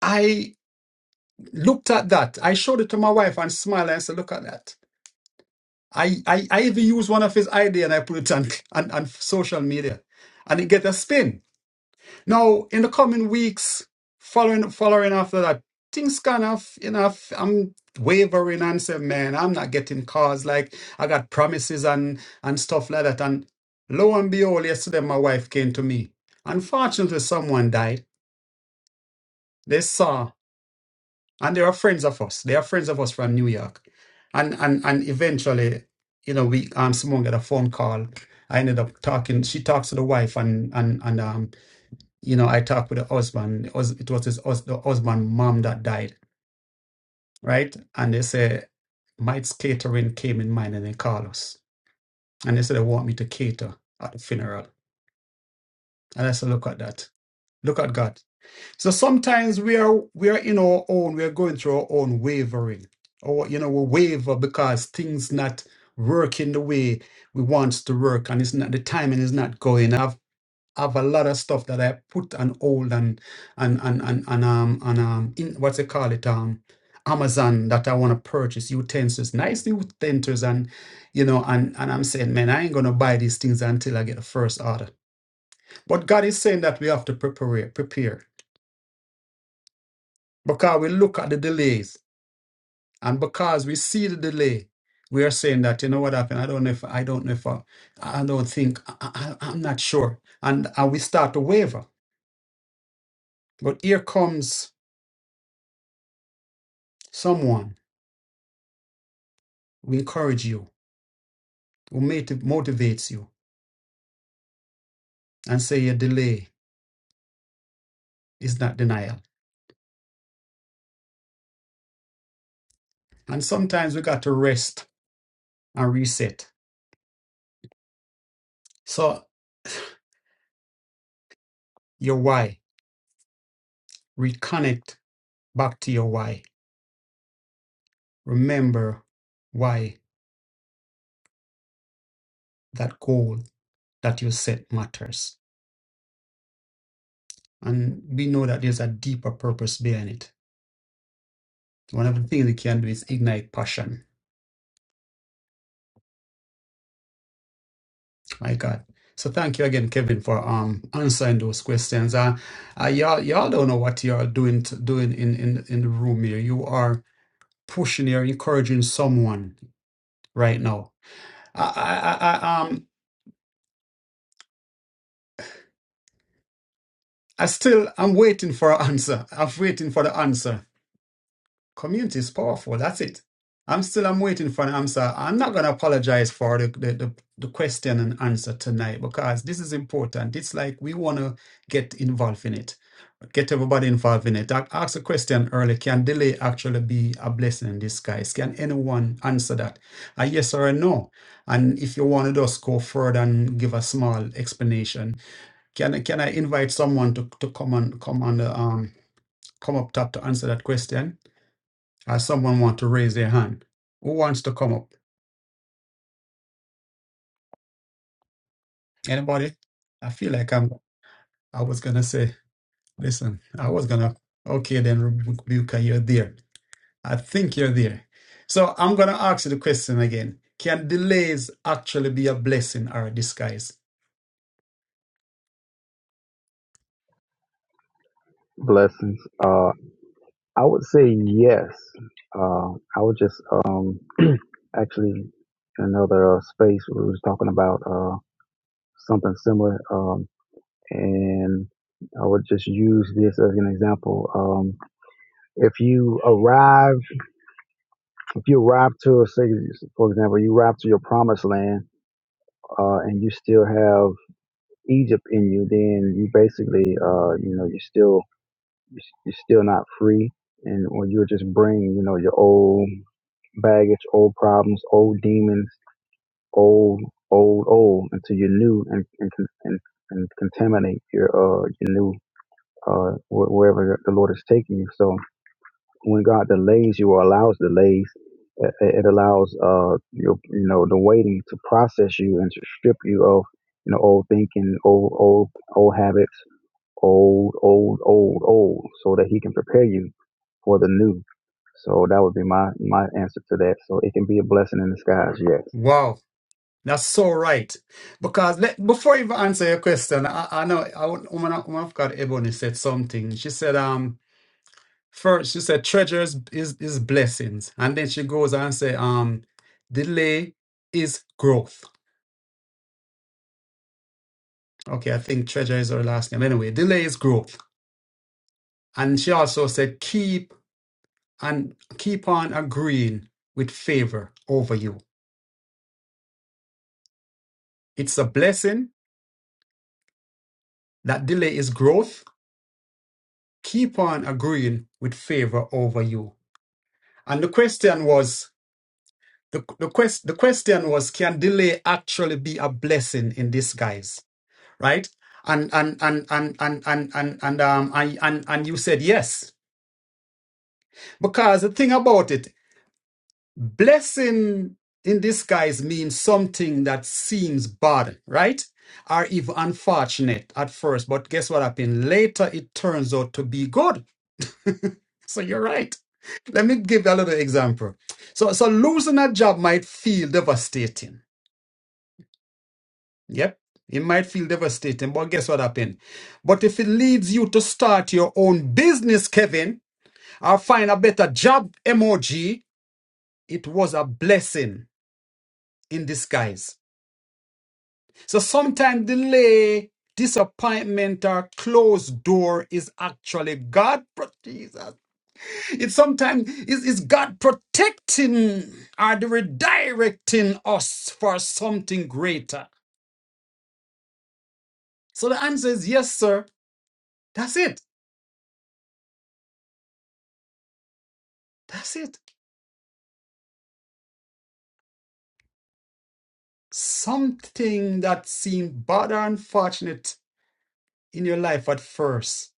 A: I looked at that. I showed it to my wife and smiled and said, "Look at that." I, I, I even use one of his idea and I put it on, on, on social media and it get a spin. Now, in the coming weeks, following following after that, things kind of, you know, f- I'm wavering and say, man, I'm not getting calls. Like, I got promises and, and stuff like that. And lo and behold, yesterday, my wife came to me. Unfortunately, someone died. They saw and they are friends of us. They are friends of us from New York, and and and eventually, you know, we um Simone got a phone call. I ended up talking. She talks to the wife, and and and um, you know, I talked with the husband. It was, it was his hus- the husband mom that died, right? And they say Mike's catering came in mind, and they call us, and they said they want me to cater at the funeral. And I said, look at that, look at God. So sometimes we are we are in our own, we are going through our own wavering. Or you know, we waver because things not working the way we wants to work and it's not the timing is not going. I've I've a lot of stuff that I put on hold and and and and, and um and um in what's it call it um Amazon that I want to purchase utensils, nice utensils, and you know, and and I'm saying, man, I ain't gonna buy these things until I get a first order. But God is saying that we have to prepare, prepare. Because we look at the delays, and because we see the delay, we are saying that you know what happened. I don't know if I don't know if I, I don't think I, I, I'm not sure, and and we start to waver. But here comes someone who encourage you, who motiv- motivates you, and say your delay is not denial. And sometimes we got to rest and reset. So your why, reconnect back to your why. Remember why that goal that you set matters And we know that there's a deeper purpose behind it. One of the things we can do is ignite passion. My God. So thank you again, Kevin, for um answering those questions. Uh, uh y'all y'all don't know what you're doing t- doing in, in in the room here. You are pushing, you're encouraging someone right now. I I, I I, um I still I'm waiting for an answer. I'm waiting for the answer. community is powerful. That's it. I'm still I'm waiting for an answer. I'm not gonna apologize for the, the, the, the question and answer tonight because this is important. It's like we wanna get involved in it. Get everybody involved in it. I asked a question earlier. Can delay actually be a blessing in disguise? Can anyone answer that? A yes or a no? And if you want to just go further and give a small explanation, can can I invite someone to, to come on come on the um come up top to answer that question? or someone want to raise their hand? Who wants to come up? Anybody? I feel like I'm. I was gonna say, listen, I was gonna. Okay, then Rebuka, you're there. I think you're there. So I'm going to ask you the question again. Can delays actually be a blessing or a disguise?
D: Blessings. Uh, I would say yes. Uh, I would just um, actually another uh, space we was talking about uh, something similar, um, and I would just use this as an example. Um, if you arrive, if you arrive to, say, for example, you arrive to your promised land, uh, and you still have Egypt in you, then you basically, uh, you know, you're still you're still not free and or you would just bring you know your old baggage, old problems, old demons, old, old, old, until you're new and and con- and, and contaminate your uh your new uh wh- wherever the Lord is taking you. So when God delays you or allows delays, it, it allows uh your you know the waiting to process you and to strip you of you know old thinking, old old old habits old, old, old, old, so that he can prepare you for the new. So that would be my my answer to that. So it can be a blessing in disguise, yes.
A: Wow, that's so right. Because let, before you even answer your question, I, I know I, would- woman, woman of God Ebony said something. She said, um, First, she said treasures is is blessings, and then she goes on and say, um, delay is growth. Okay, I think treasure is her last name. Anyway, delay is growth, and she also said keep and keep on agreeing with favor over you. It's a blessing that delay is growth. Keep on agreeing with favor over you. And the question was the the quest the question was can delay actually be a blessing in disguise? right? And and and and and and and and um and, and and you said yes. Because the thing about it, blessing in disguise means something that seems bad, right? Or even unfortunate at first, but guess what happened? Later it turns out to be good. So you're right. Let me give a little example. So so losing a job might feel devastating Yep. It might feel devastating, but guess what happened? But if it leads you to start your own business, Kevin, or find a better job emoji, it was a blessing in disguise. So sometimes delay, disappointment, or closed door is actually God. pro- Jesus. it sometimes is is God protecting or the redirecting us for something greater. So the answer is yes, sir. That's it. That's it. something that seemed bad or unfortunate in your life at first,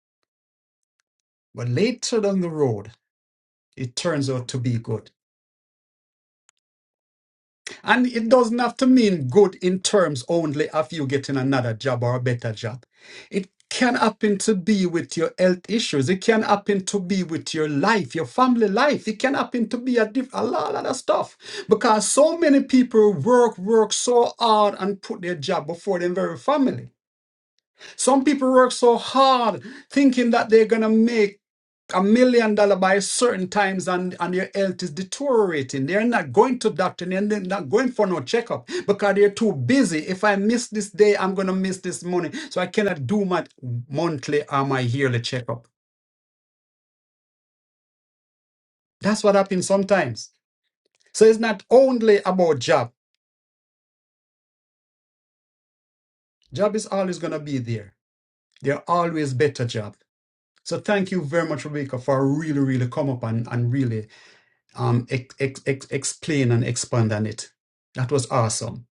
A: but later down the road, it turns out to be good. And it doesn't have to mean good in terms only of you getting another job or a better job. It can happen to be with your health issues. It can happen to be with your life, your family life. It can happen to be a, diff- a lot of other stuff. Because so many people work, work so hard and put their job before their very family. Some people work so hard thinking that they're going to make a million dollar by certain times and, and their health is deteriorating. They're not going to doctor and they're not going for no checkup because they're too busy. If I miss this day, I'm going to miss this money. So I cannot do my monthly or my yearly checkup. That's what happens sometimes. So it's not only about job. Job is always going to be there. There are always better job. So thank you very much, Rebecca, for really, really come up and, and really um, ex- ex- ex- explain and expand on it. That was awesome.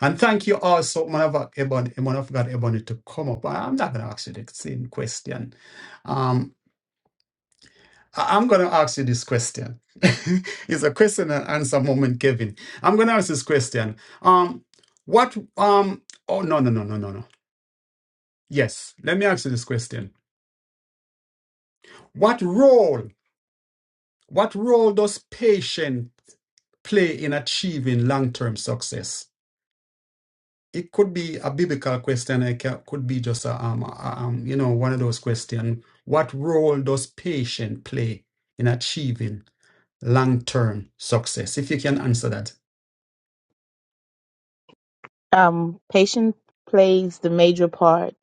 A: And thank you also, man of God, Ebony, man of God, Ebony, to come up. I- I'm not going to ask you the same question. Um, I- I'm going to ask you this question. it's a question and answer moment, Kevin. I'm going to ask this question. Um, what, um, oh, no, no, no, no, no, no. Yes, let me ask you this question. What role, what role does patient play in achieving long-term success? it could be a biblical question. It ca- could be just a, um, a- um, you know, one of those questions. What role does patience play in achieving long-term success? If you can answer that,
E: um, patience plays the major part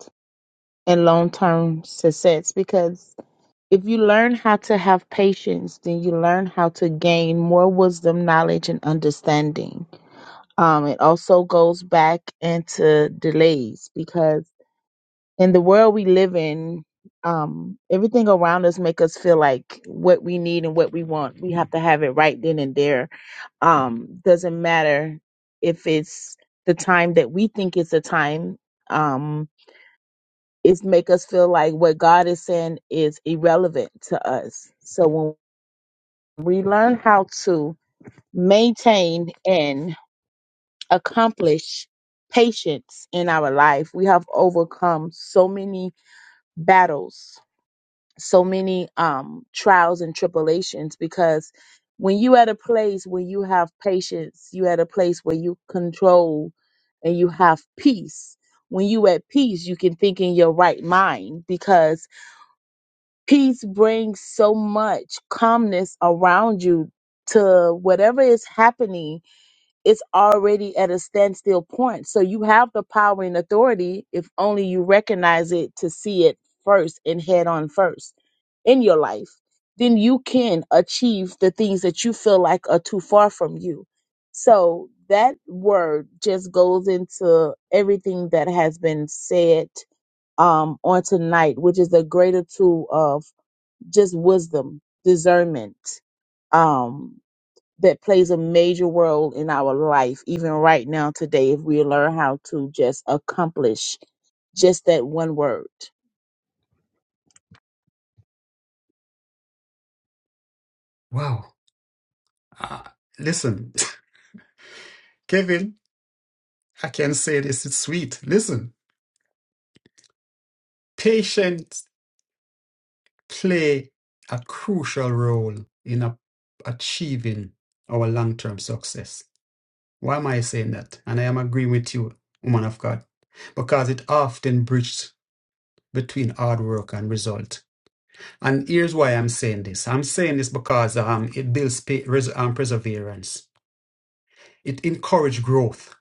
E: in long term success because if you learn how to have patience, then you learn how to gain more wisdom, knowledge, and understanding. Um, it also goes back into delays because in the world we live in, um, everything around us make us feel like what we need and what we want, we have to have it right then and there um, doesn't matter if it's the time that we think is the time. Um, it's make us feel like what God is saying is irrelevant to us. So when we learn how to maintain and accomplish patience in our life, we have overcome so many battles so many um, trials and tribulations because when you at a place where you have patience, you at a place where you control and you have peace. When you at peace, you can think in your right mind because peace brings so much calmness around you to whatever is happening it's already at a standstill point. So you have the power and authority if only you recognize it to see it first and head on first in your life. Then you can achieve the things that you feel like are too far from you. So that word just goes into everything that has been said um, on tonight, which is a greater tool of just wisdom, discernment. Um, that plays a major role in our life, even right now today, if we learn how to just accomplish just that one word.
A: wow. Uh, listen, Kevin, I can say this. It's sweet. Listen, patience play a crucial role in a, achieving our long-term success. Why am I saying that? And I am agreeing with you, woman of God, because it often breaches between hard work and result. And here's why I'm saying this. I'm saying this because um, it builds um, perseverance. It encourages growth.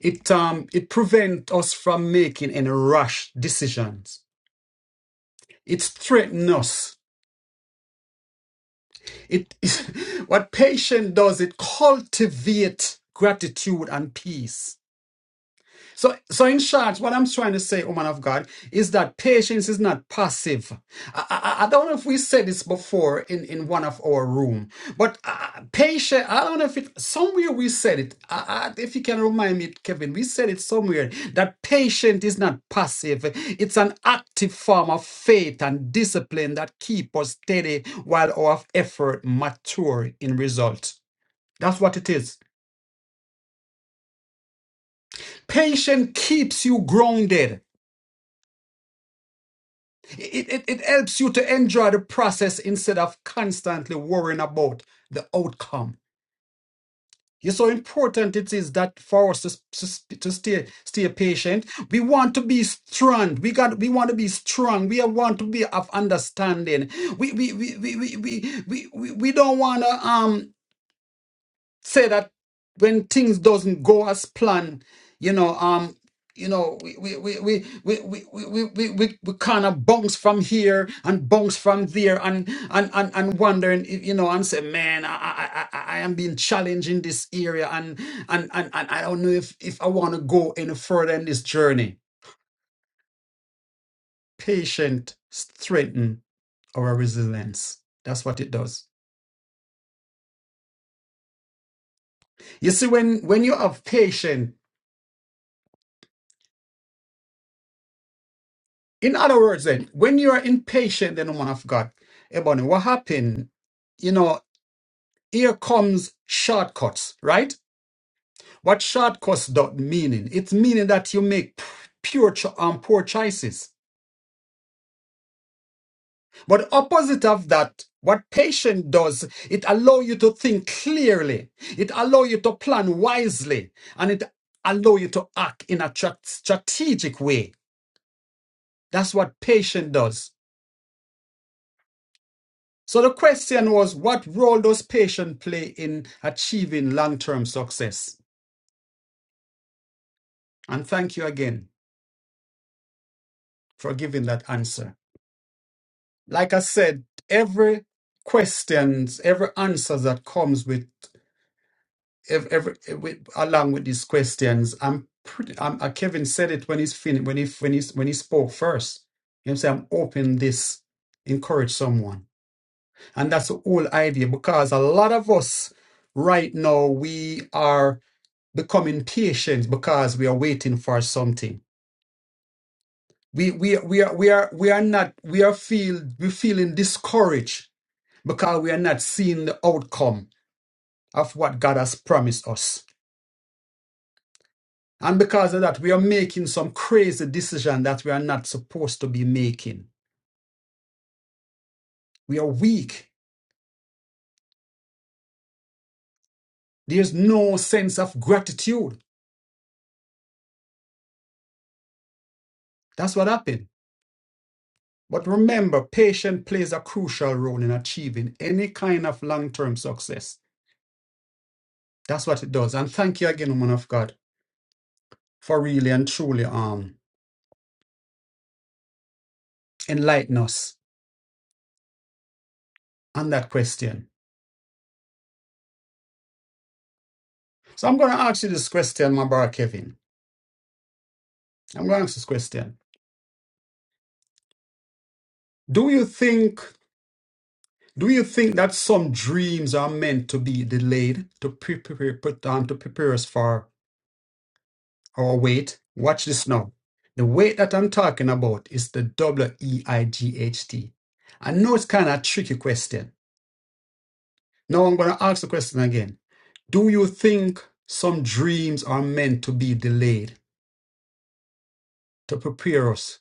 A: It um, it prevents us from making any rash decisions. It strengthens us. It it, what patience does. It cultivates gratitude and peace. So, so in short, what I'm trying to say, woman of God, is that patience is not passive. I, I, I don't know if we said this before in, in one of our room, but uh, patience, I don't know if it, somewhere we said it. Uh, uh, if you can remind me, Kevin, we said it somewhere that patience is not passive. It's an active form of faith and discipline that keep us steady while our effort mature in results. That's what it is. Patience keeps you grounded. It, it, it helps you to enjoy the process instead of constantly worrying about the outcome. You see how important it is that for us to, s- to, s- to stay stay patient. We want to be strong. We got we want to be strong. We want to be of understanding. We we we we we we, we, we we don't wanna um say that when things doesn't go as planned, you know, um, you know, we we we we we we we, we, we, we kind of bounce from here and bounce from there and and and and wondering, you know, and say, man, I I I, I am being challenged in this area and and and, and I don't know if if I want to go any further in this journey. Patient strengthen our resilience. That's what it does. You see, when when you have patience In other words, then, when you are impatient, then woman of God, Ebony, what happened? You know, here comes shortcuts, right? What shortcuts dot meaning? It's meaning that you make p- pure cho- um, poor choices. But opposite of that, what patience does, it allow you to think clearly. It allow you to plan wisely, and it allow you to act in a tra- strategic way. That's what patience does. So the question was, what role does patience play in achieving long-term success? And thank you again for giving that answer. Like I said, every questions, every answer that comes with every, every with, along with these questions, I'm pretty. I'm, uh, Kevin said it when he's fin- when he when he when he spoke first. You know, say I'm open this, encourage someone, and that's the whole idea because a lot of us right now we are becoming patient because we are waiting for something. We we we are we are we are not we are feel we feeling discouraged because we are not seeing the outcome of what God has promised us. And because of that, we are making some crazy decision that we are not supposed to be making. We are weak. There's no sense of gratitude. That's what happened. But remember, patience plays a crucial role in achieving any kind of long-term success. That's what it does. And thank you again, woman of God for really and truly um enlighten us on that question. So I'm gonna ask you this question, my brother Kevin. I'm gonna ask this question. Do you think do you think that some dreams are meant to be delayed to prepare put um, to prepare us for our wait? Watch this now. The wait that I'm talking about is the W E I G H T. I know it's kind of a tricky question. Now I'm gonna ask the question again. Do you think some dreams are meant to be delayed to prepare us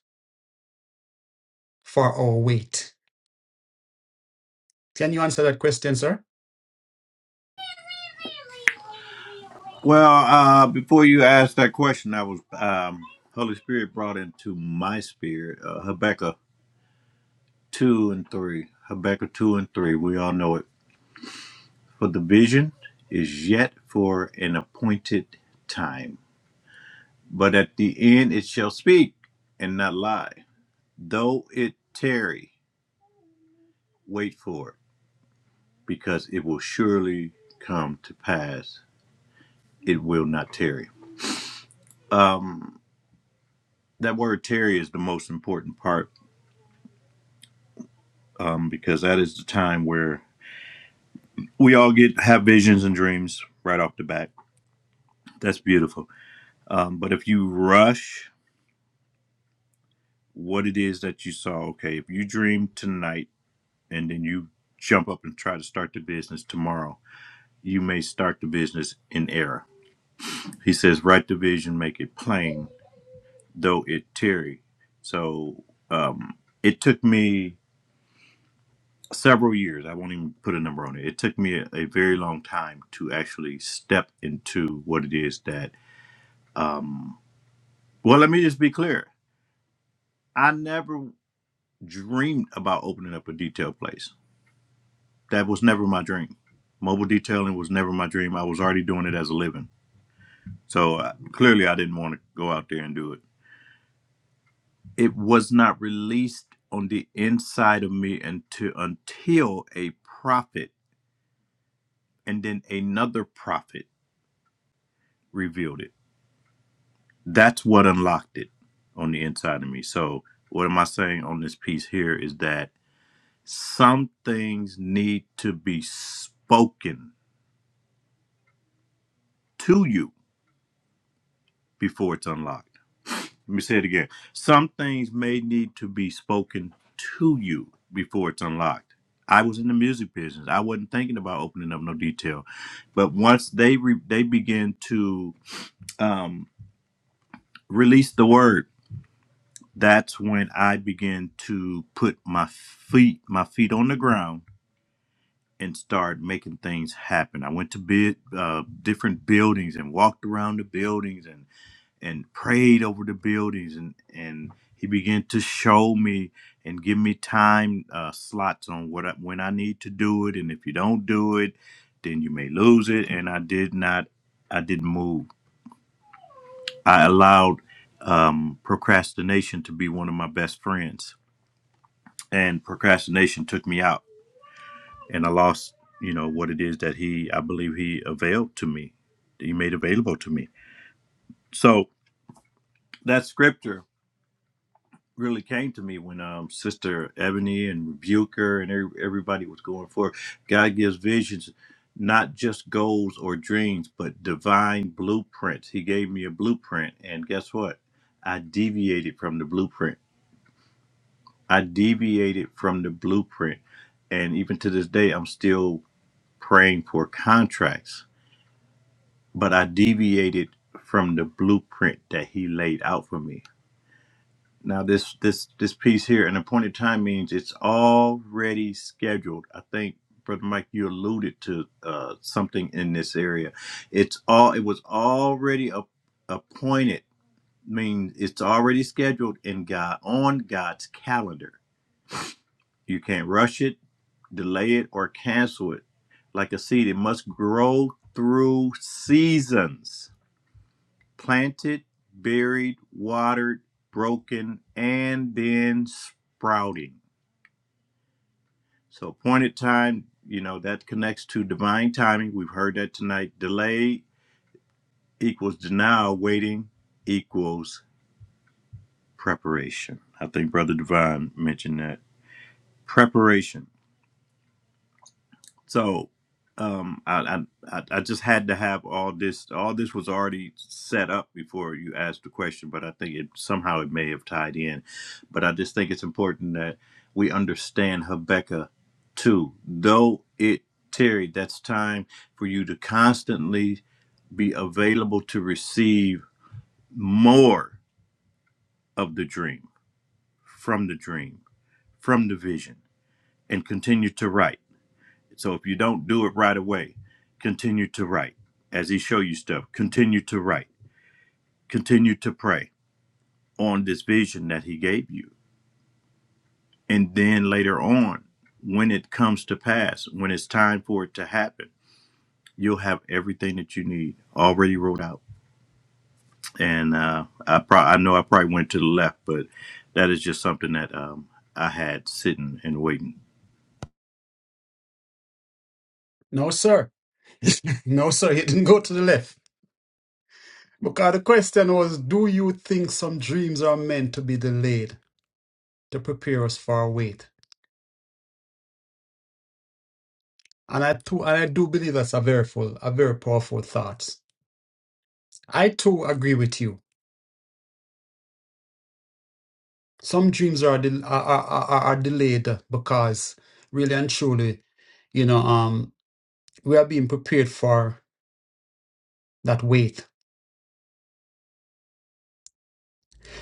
A: for our wait? Can you answer that question, sir?
B: Well, uh, before you asked that question, I was um, Holy Spirit brought into my spirit uh, Habakkuk two and three. Habakkuk two and three. We all know it. For the vision is yet for an appointed time, but at the end it shall speak and not lie. Though it tarry, wait for it, because it will surely come to pass. It will not tarry. Um, that word tarry is the most important part um, because that is the time where we all get have visions and dreams right off the bat. That's beautiful. Um, but if you rush what it is that you saw, okay, if you dream tonight and then you jump up and try to start the business tomorrow, you may start the business in error. He says, write the vision, make it plain, though it tarry. So um, it took me several years. I won't even put a number on it. It took me a, a very long time to actually step into what it is that. Um, well, let me just be clear. I never dreamed about opening up a detail place. That was never my dream. Mobile detailing was never my dream. I was already doing it as a living. So uh, clearly, I didn't want to go out there and do it. It was not released on the inside of me until until a prophet and then another prophet revealed it that's what unlocked it on the inside of me. So what am I saying on this piece here is that some things need to be spoken to you before it's unlocked. Let me say it again. Some things may need to be spoken to you before it's unlocked. I was in the music business. I wasn't thinking about opening up no detail, but once they re- they begin to um, release the word that's when I began to put my feet my feet on the ground and start making things happen. I went to bid, uh, different buildings and walked around the buildings and and prayed over the buildings and and he began to show me and give me time uh, slots on what I, when I need to do it and if you don't do it, then you may lose it. And I did not, I didn't move. I allowed um, procrastination to be one of my best friends and procrastination took me out and i lost you know what it is that he i believe he availed to me that he made available to me so that scripture really came to me when um sister ebony and rebuker and every, everybody was going for it. god gives visions not just goals or dreams but divine blueprints he gave me a blueprint and guess what i deviated from the blueprint i deviated from the blueprint and even to this day i'm still praying for contracts, but I deviated from the blueprint that he laid out for me. Now this this this piece here, an appointed time means it's already scheduled. I think Brother Mike, you alluded to uh, something in this area. It's all it was already a, appointed means it's already scheduled in God on God's calendar. You can't rush it, delay it, or cancel it. Like a seed, it must grow through seasons planted, buried, watered, broken, and then sprouting. So, appointed time, you know, that connects to divine timing. We've heard that tonight. Delay equals denial, waiting equals preparation. I think Brother Divine mentioned that. Preparation. So um I, I I I just had to have all this all this was already set up before you asked the question, but I think it somehow it may have tied in. But I just think it's important that we understand Habakkuk too. Though it tarried, that's time for you to constantly be available to receive more of the dream, from the dream, from the vision, and continue to write. So if you don't do it right away, continue to write. As he show you stuff, continue to write. Continue to pray on this vision that he gave you. And then later on, when it comes to pass, when it's time for it to happen, you'll have everything that you need already wrote out. And uh, I pro- I know I probably went to the left, but that is just something that um, I had sitting and waiting.
A: No, sir. No, sir. You didn't go to the left. Because the question was Do you think some dreams are meant to be delayed to prepare us for our wait? And I, too, and I do believe that's a very full, a very powerful thought. I too agree with you. Some dreams are, del- are, are, are are delayed because really and truly, you know, um, we are being prepared for that wait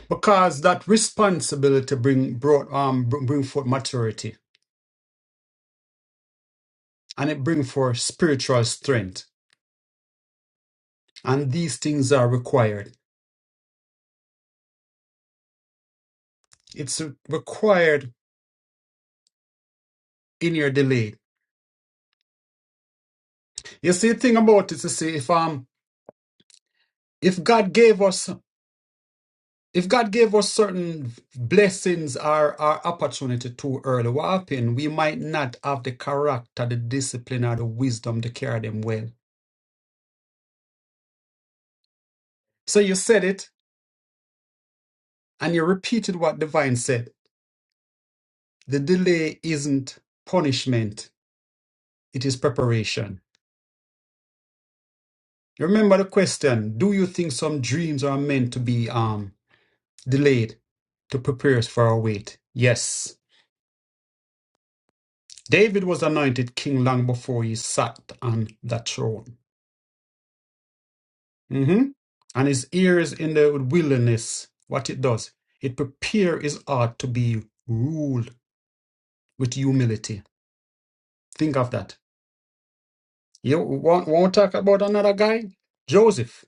A: because that responsibility bring brought um br- bring forth maturity and it bring forth spiritual strength and these things are required it's required in your delay you see the thing about it is, see, say if um if god gave us if god gave us certain blessings or, or opportunity too early what happened we might not have the character the discipline or the wisdom to carry them well so you said it and you repeated what divine said The delay isn't punishment, it is preparation. Remember the question Do you think some dreams are meant to be um, delayed to prepare us for our wait? Yes. David was anointed king long before he sat on that throne. hmm And his ears in the wilderness, what it does, it prepares his heart to be ruled with humility. Think of that. You want, want to talk about another guy? Joseph.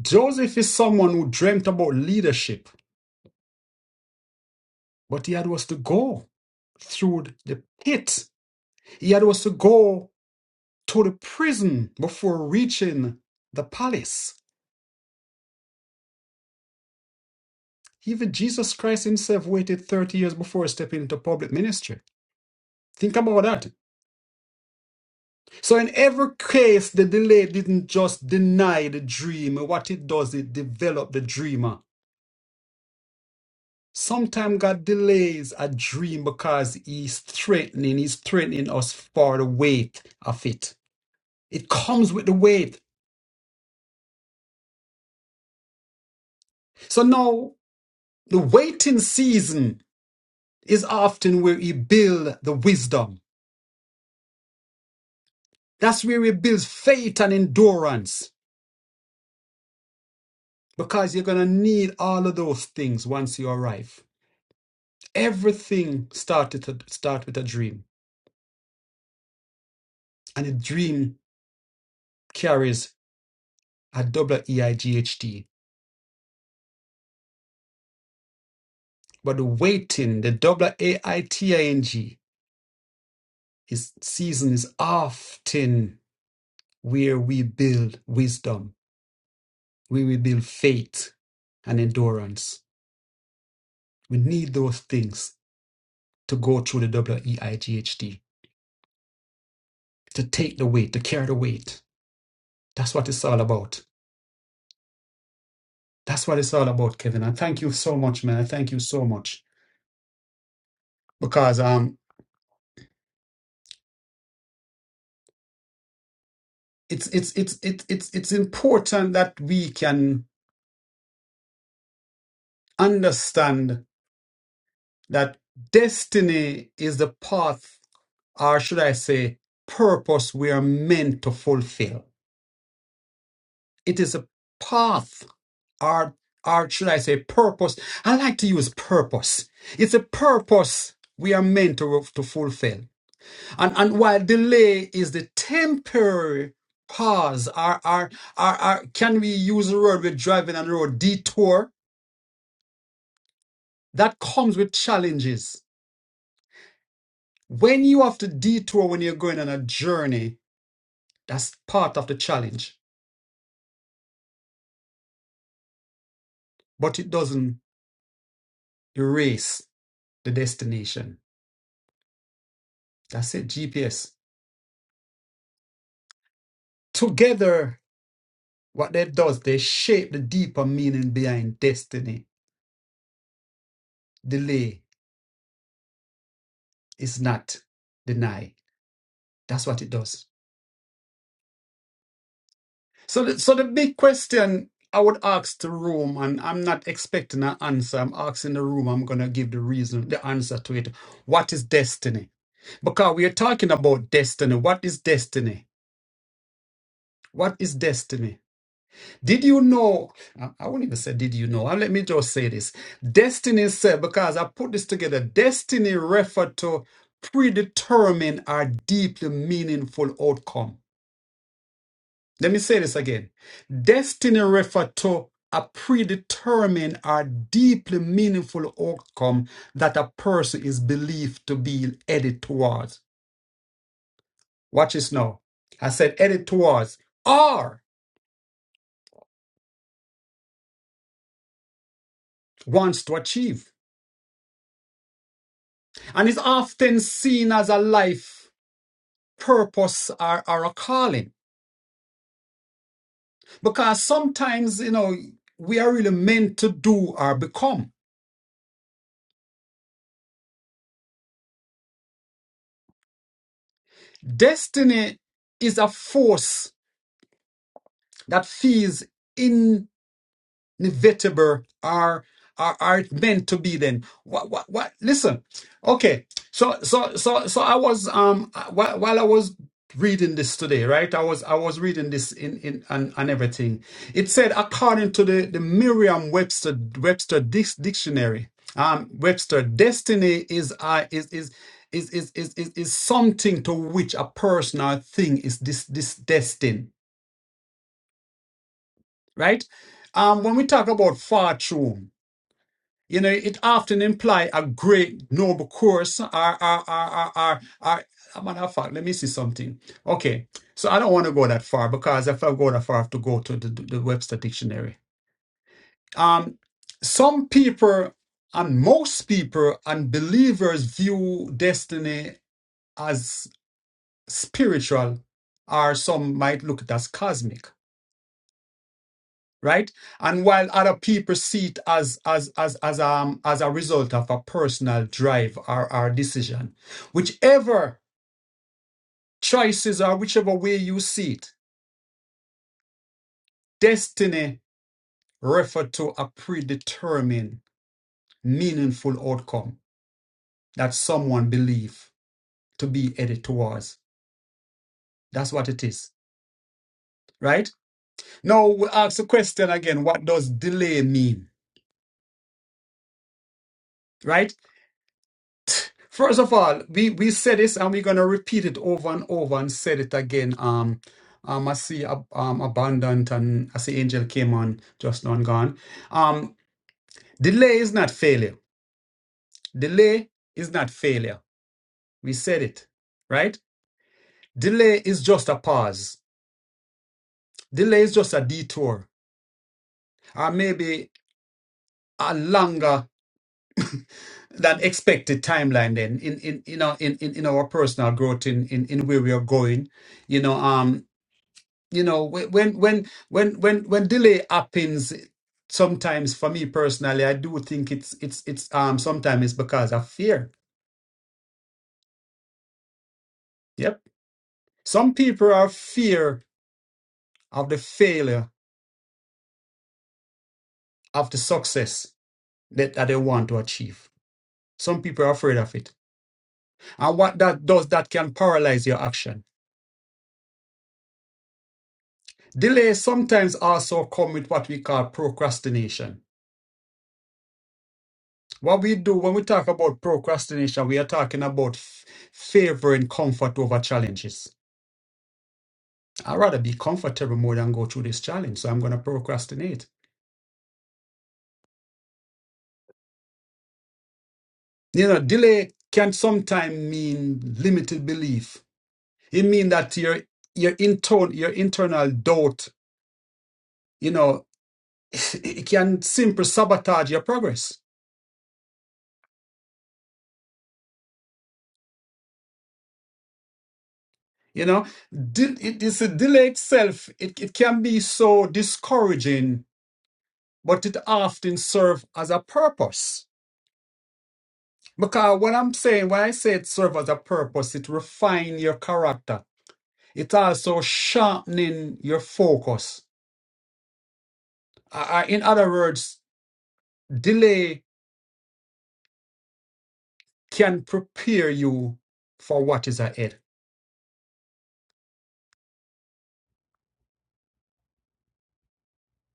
A: Joseph is someone who dreamt about leadership, but he had was to go through the pit. He had was to go to the prison before reaching the palace. Even Jesus Christ himself waited 30 years before stepping into public ministry. Think about that. So in every case, the delay didn't just deny the dream. What it does, it developed the dreamer. Sometimes God delays a dream because He's threatening, He's threatening us for the weight of it. It comes with the weight. So now the waiting season is often where He builds the wisdom. That's where He builds faith and endurance because you're going to need all of those things once you arrive. Everything started to start with a dream, and a dream carries a double E I G H T But the waiting, the double A-I-T-I-N-G, is season is often where we build wisdom, where we build faith and endurance. We need those things to go through the double e i g h t to take the weight, to carry the weight. That's what it's all about. That's what it's all about, Kevin. And thank you so much, man. I thank you so much. Because um it's it's it's it's it's it's important that we can understand that destiny is the path, or should I say, purpose we are meant to fulfill. It is a path, or, or should I say, purpose. I like to use purpose. It's a purpose we are meant to, to fulfill. And, and while delay is the temporary pause, or, or, or, or can we use the word we're driving on the road, detour, that comes with challenges. When you have to detour when you're going on a journey, That's part of the challenge, but it doesn't erase the destination. That's it, GPS. Together, what they does, they shape the deeper meaning behind destiny. Delay is not deny. That's what it does. So, the, so the big question I would ask the room, and I'm not expecting an answer. I'm asking the room. I'm gonna give the reason, the answer to it. What is destiny? Because we are talking about destiny. What is destiny? What is destiny? Did you know? I I won't even say, Did you know? And let me just say this. Destiny said, because I put this together, destiny referred to predetermined or deeply meaningful outcome. Let me say this again. Destiny referred to a predetermined or deeply meaningful outcome that a person is believed to be headed towards. Watch this now. I said headed towards or wants to achieve and is often seen as a life. purpose or, or a calling. Because sometimes, you know, we are really meant to do or become. Destiny is a force that feels inevitable are are, are meant to be then what what what listen okay so so so so i was um while, while i was reading this today right i was i was reading this in in and, and everything it said according to the the merriam webster webster Dic- dictionary um webster destiny is uh is is is is is is, is something to which a person or thing is this this destined right um when we talk about fortune You know, it often imply a great noble course. Or, or, or, or, or, or, matter of fact, let me see something. Okay, so I don't want to go that far because if I go that far, I have to go to the, the Webster Dictionary. Um, some people and most people and believers view destiny as spiritual, or some might look at it as cosmic. right and while other people see it as as as as um as a result of a personal drive or our decision whichever choices or whichever way you see it destiny refer to a predetermined meaningful outcome that someone believes to be headed towards that's what it is right now we ask the question again what does delay mean right First of all, we, we said this and we're going to repeat it over and over and said it again. Um, um, I see ab- um, abundant and I see angel came on just now and gone. Um, delay is not failure. Delay is not failure. We said it, right? Delay is just a pause. Delay is just a detour or maybe a longer than expected timeline then in, in, you know, in, in, in our personal growth in, in, in where we are going. You know, um, you know whe- when when when when when delay happens sometimes for me personally i do think it's it's it's um sometimes it's because of fear yep some people are fear of the failure of the success that, that they want to achieve some people are afraid of it and what that does that can paralyze your action delay sometimes also come with what we call procrastination what we do when we talk about procrastination we are talking about f- favoring comfort over challenges I'd rather be comfortable more than go through this challenge. So I'm going to procrastinate. You know, delay can sometimes mean limited belief. It means that your your internal your internal doubt, you know, it can simply sabotage your progress. You know, De- it is a delay itself. It, it can be so discouraging, but it often serves as a purpose. Because what I'm saying, when I say it serves as a purpose, it refines your character It's also sharpening your focus. Uh, in other words, delay can prepare you for what is ahead.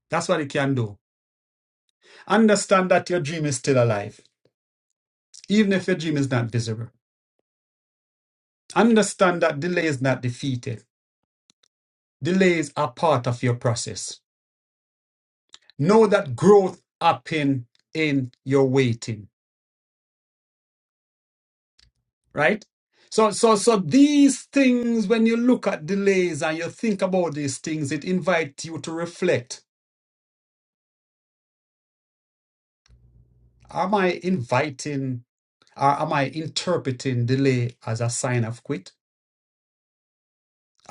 A: That's what it can do. Understand that your dream is still alive, even if your dream is not visible. Understand that delay is not defeated. Delays are part of your process. Know that growth happen in your waiting, right? So, so, so these things, when you look at delays and you think about these things, it invites you to reflect Am I inviting or am I interpreting delay as a sign of quit?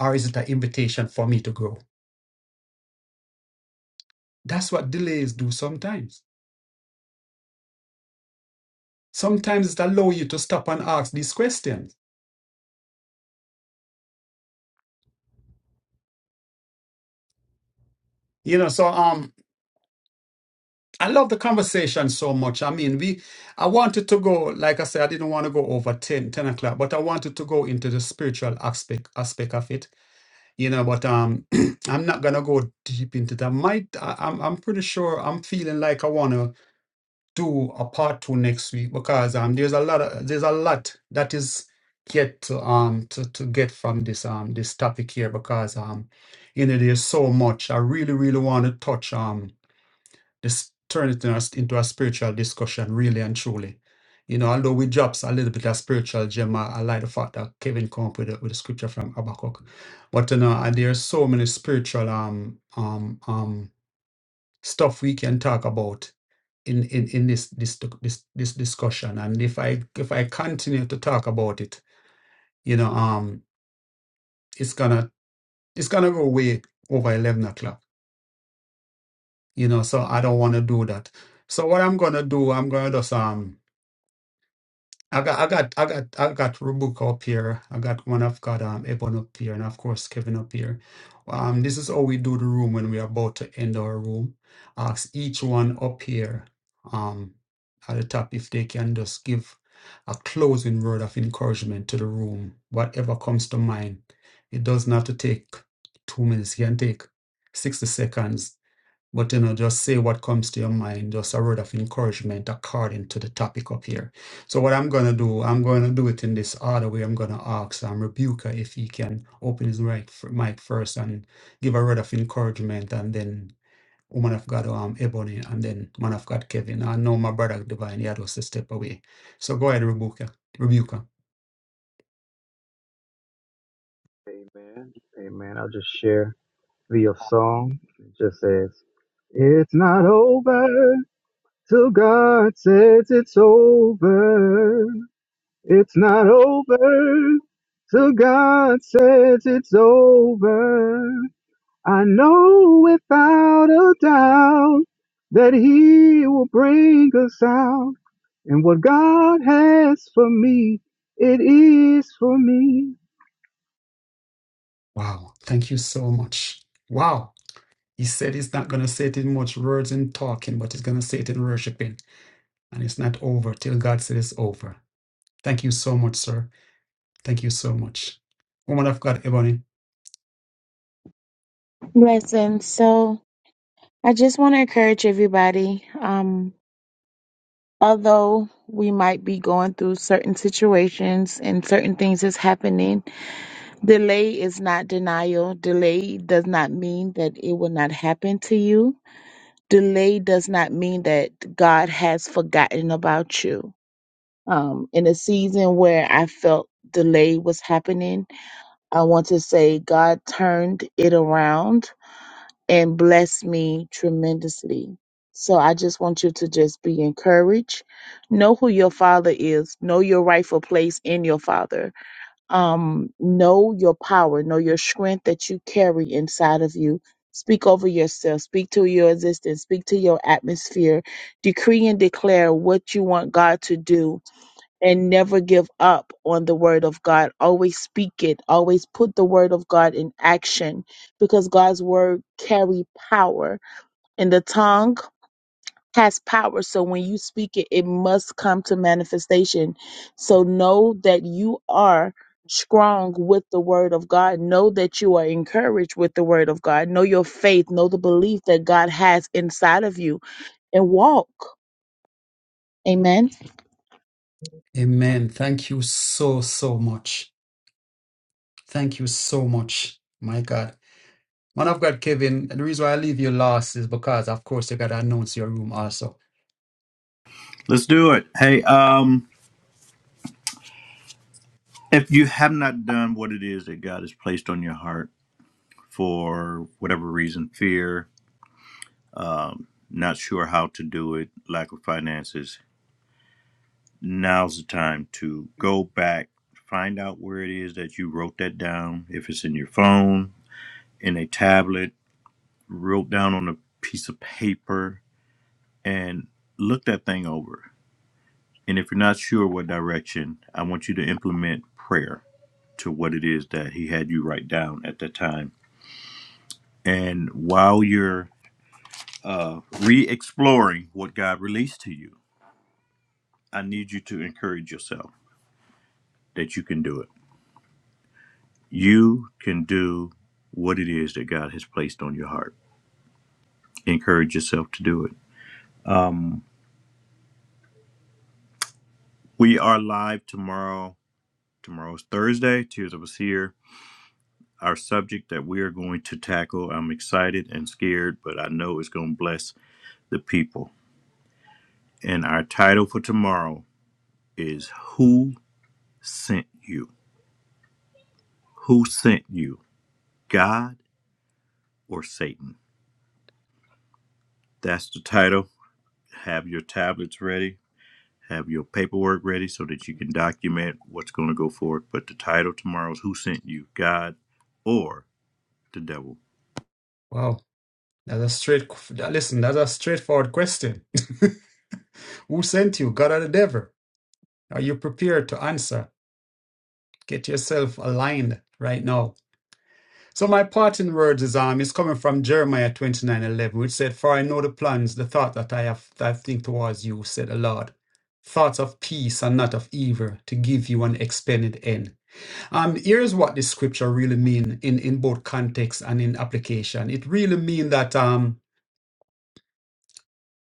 A: Or is it an invitation for me to grow? That's what delays do sometimes. Sometimes it allows you to stop and ask these questions. You know, so um I love the conversation so much. I mean, we I wanted to go, like I said, I didn't want to go over 10 10 o'clock, but I wanted to go into the spiritual aspect aspect of it. You know, but um I'm not gonna go deep into that. Might I, I'm I'm pretty sure I'm feeling like I wanna do a part two next week because um there's a lot of, there's a lot that is yet to um to, to get from this um this topic here because um you know there's so much I really really want to touch um this turn it into a, into a spiritual discussion really and truly you know although we drops a little bit of spiritual gem I, I like the fact that Kevin come up with a, with a scripture from Habakkuk but you know and there's so many spiritual um um um stuff we can talk about in in, in this, this this this discussion and if i if i continue to talk about it you know um it's gonna it's gonna go way over 11 o'clock you know so i don't want to do that so what i'm gonna do i'm gonna just um I got, I got, I got, I got Rubuka up here. I got one. I've got um Ebon up here, and of course Kevin up here. Um, this is how we do the room when we're about to end our room. Ask each one up here, um, at the top if they can just give a closing word of encouragement to the room. Whatever comes to mind, it doesn't have to take two minutes. It can take sixty seconds but you know, just say what comes to your mind, just a word of encouragement according to the topic up here. So what I'm gonna do, I'm gonna do it in this other way. I'm gonna ask um, Rebuka if he can open his mic, mic first and give a word of encouragement, and then woman of God um, Ebony, and then man of God Kevin. I know my brother Divine, he had us to step away. So go ahead, rebuke her. Rebuke her.
D: Amen. Amen. I'll just share the song. It just says, It's not over till God says it's over. It's not over till God says it's over. I know without a doubt that He will bring us out. And what God has for me, it is for me.
A: Wow. Thank you so much. Wow. He said he's not going to say it in much words in talking, but he's going to say it in worshiping. And it's not over till God says it's over. Thank you so much, sir. Thank you so much. Woman of God, Ebony.
E: Listen, so I just want to encourage everybody. Um, although we might be going through certain situations and certain things is happening, delay is not denial. Delay does not mean that it will not happen to you. delay does not mean that God has forgotten about you. Um, in a season where I felt delay was happening, I want to say God turned it around and blessed me tremendously. So I just want you to just be encouraged. Know who your father is, know your rightful place in your father um, know your power, know your strength that you carry inside of you. Speak over yourself, speak to your existence, speak to your atmosphere, decree and declare what you want God to do. And never give up on the word of God. Always speak it. Always put the word of God in action because God's word carry power. In the tongue has power. So when you speak it, it must come to manifestation. So know that you are strong with the word of God. Know that you are encouraged with the word of God. Know your faith. Know the belief that God has inside of you and walk. Amen.
A: Amen. Thank you so, so much. Thank you so much. My God. Man of God, Kevin, the reason why I leave you last is because, of course, you got to announce your room also.
B: Let's do it. Hey, um, if you have not done what it is that God has placed on your heart for whatever reason, fear, um, not sure how to do it, lack of finances, now's the time to go back, find out where it is that you wrote that down. If it's in your phone, in a tablet, wrote down on a piece of paper, and look that thing over. And if you're not sure what direction, I want you to implement prayer to what it is that he had you write down at that time. And while you're uh, re exploring what God released to you, I need you to encourage yourself that you can do it. You can do what it is that God has placed on your heart. Encourage yourself to do it. Um, we are live tomorrow. Tomorrow's Thursday, Tears of a Seer. Our subject that we are going to tackle, I'm excited and scared, but I know it's going to bless the people. And our title for tomorrow is Who Sent You? Who Sent You? God or Satan? That's the title. Have your tablets ready Have your paperwork ready so that you can document what's going to go forward. But the title tomorrow is Who Sent You, God or the Devil?
A: Wow. That's a straight, listen, that's a straightforward question. Who sent you, God or the devil? Are you prepared to answer? Get yourself aligned right now So my part in words is um is coming from Jeremiah twenty nine eleven, which said, For I know the plans, the thought that I have that I think towards you, said the Lord. Thoughts of peace and not of evil to give you an expended end. Um, here's what this scripture really mean in, in both context and in application. It really mean that um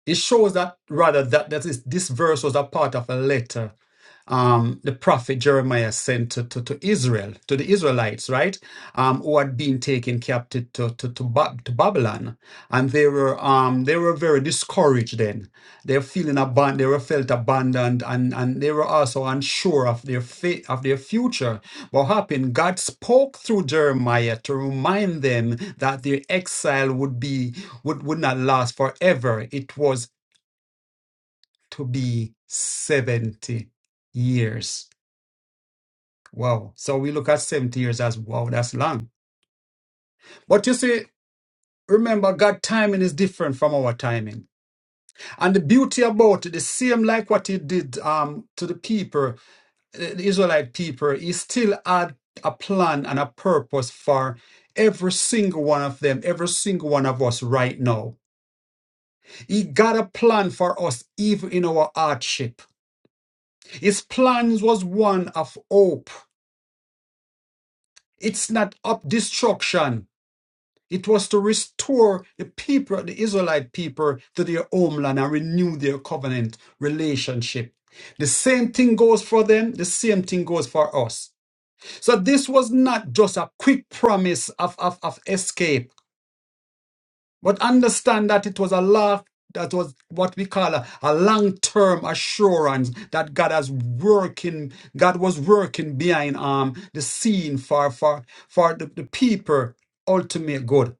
A: it shows that rather that, that is, this verse was a part of a letter um, the prophet Jeremiah sent to, to, to Israel, to the Israelites, right? Um, who had been taken captive to, to, to, Ba- to Babylon. And they were um, they were very discouraged then. They were feeling abandoned, they were felt abandoned, and, and they were also unsure of their fate, of their future. What happened? God spoke through Jeremiah to remind them that their exile would be would, would not last forever. It was to be 70 years. Wow. So we look at 70 years as wow, that's long. But you see, remember, God timing is different from our timing. And the beauty about it, the same like what he did um to the people, the the Israelite people, he still had a plan and a purpose for every single one of them, every single one of us right now. He got a plan for us even in our hardship. His plans was one of hope. It's not of destruction. It was to restore the people, the Israelite people, to their homeland and renew their covenant relationship. The same thing goes for them, the same thing goes for us. So this was not just a quick promise of, of, of escape, but understand that it was a lot. That was what we call a, a long-term assurance that God has working, God was working behind um, the scene for for for the, the people ultimate good.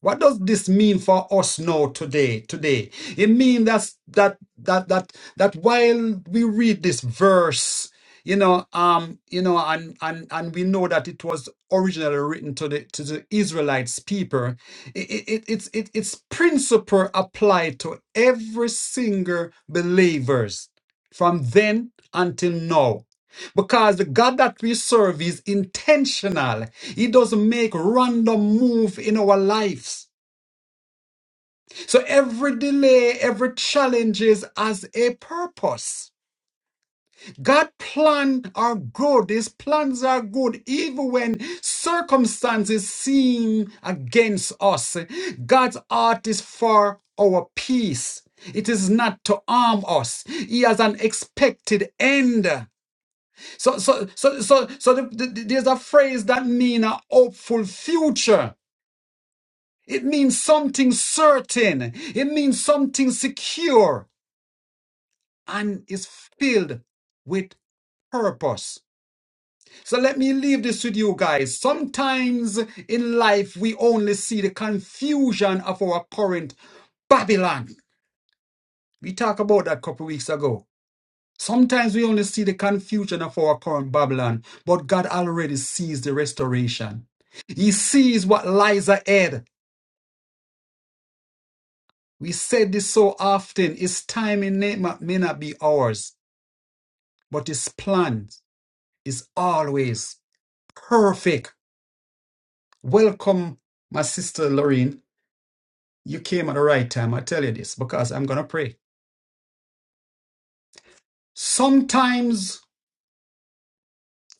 A: What does this mean for us now today? Today, it means that that that that that while we read this verse, you know, um, you know, and and and we know that it was originally written to the to the Israelites people. It, it, it- it's it, its principle applied to every single believers from then until now. Because the God that we serve is intentional. He doesn't make random move in our lives. So every delay, every challenges is as a purpose. God plans are good. His plans are good, even when circumstances seem against us. God's art is for our peace. It is not to harm us. He has an expected end. So, so, so, so, so the, the- there's a phrase that means a hopeful future. It means something certain. It means something secure. and is filled with purpose. So let me leave this with you guys. Sometimes in life, we only see the confusion of our current Babylon. We talked about that a couple weeks ago. Sometimes we only see the confusion of our current Babylon, but God already sees the restoration. He sees what lies ahead. We said this so often. His timing may not may not be ours, but His plan is always perfect. Welcome, my sister Lorraine. You came at the right time. I tell you this because I'm going to pray. Sometimes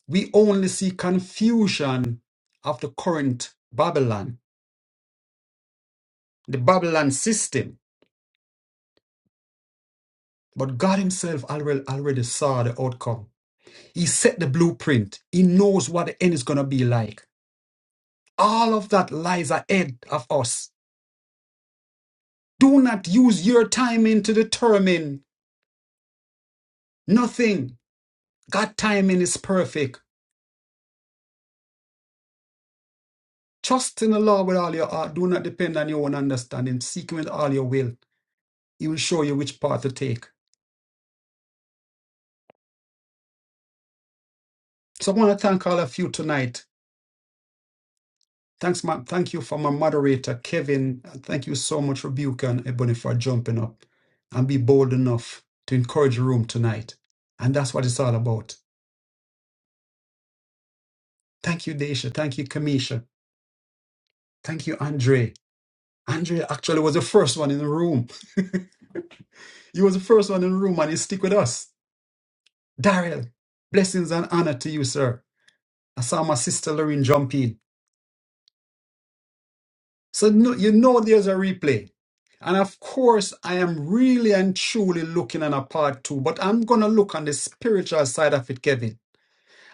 A: we only see confusion of the current Babylon, the Babylon system. But God Himself already, already saw the outcome. He set the blueprint. He knows what the end is going to be like. All of that lies ahead of us. Do not use your timing to determine nothing. God timing is perfect. Trust in the Lord with all your heart. Do not depend on your own understanding. Seek Him with all your will. He will show you which path to take. So I want to thank all of you tonight. Thanks, ma- thank you for my moderator, Kevin. And Thank you so much for Buke and Ebony for jumping up and be bold enough to encourage the room tonight. And that's what it's all about. Thank you, Daisha. Thank you, Kamisha. Thank you, Andre. Andre actually was the first one in the room. He was the first one in the room and he stick with us. Daryl, blessings and honor to you, sir. I saw my sister Lorraine jump in. So no, you know there's a replay. And of course, I am really and truly looking on a part two, but I'm going to look on the spiritual side of it, Kevin.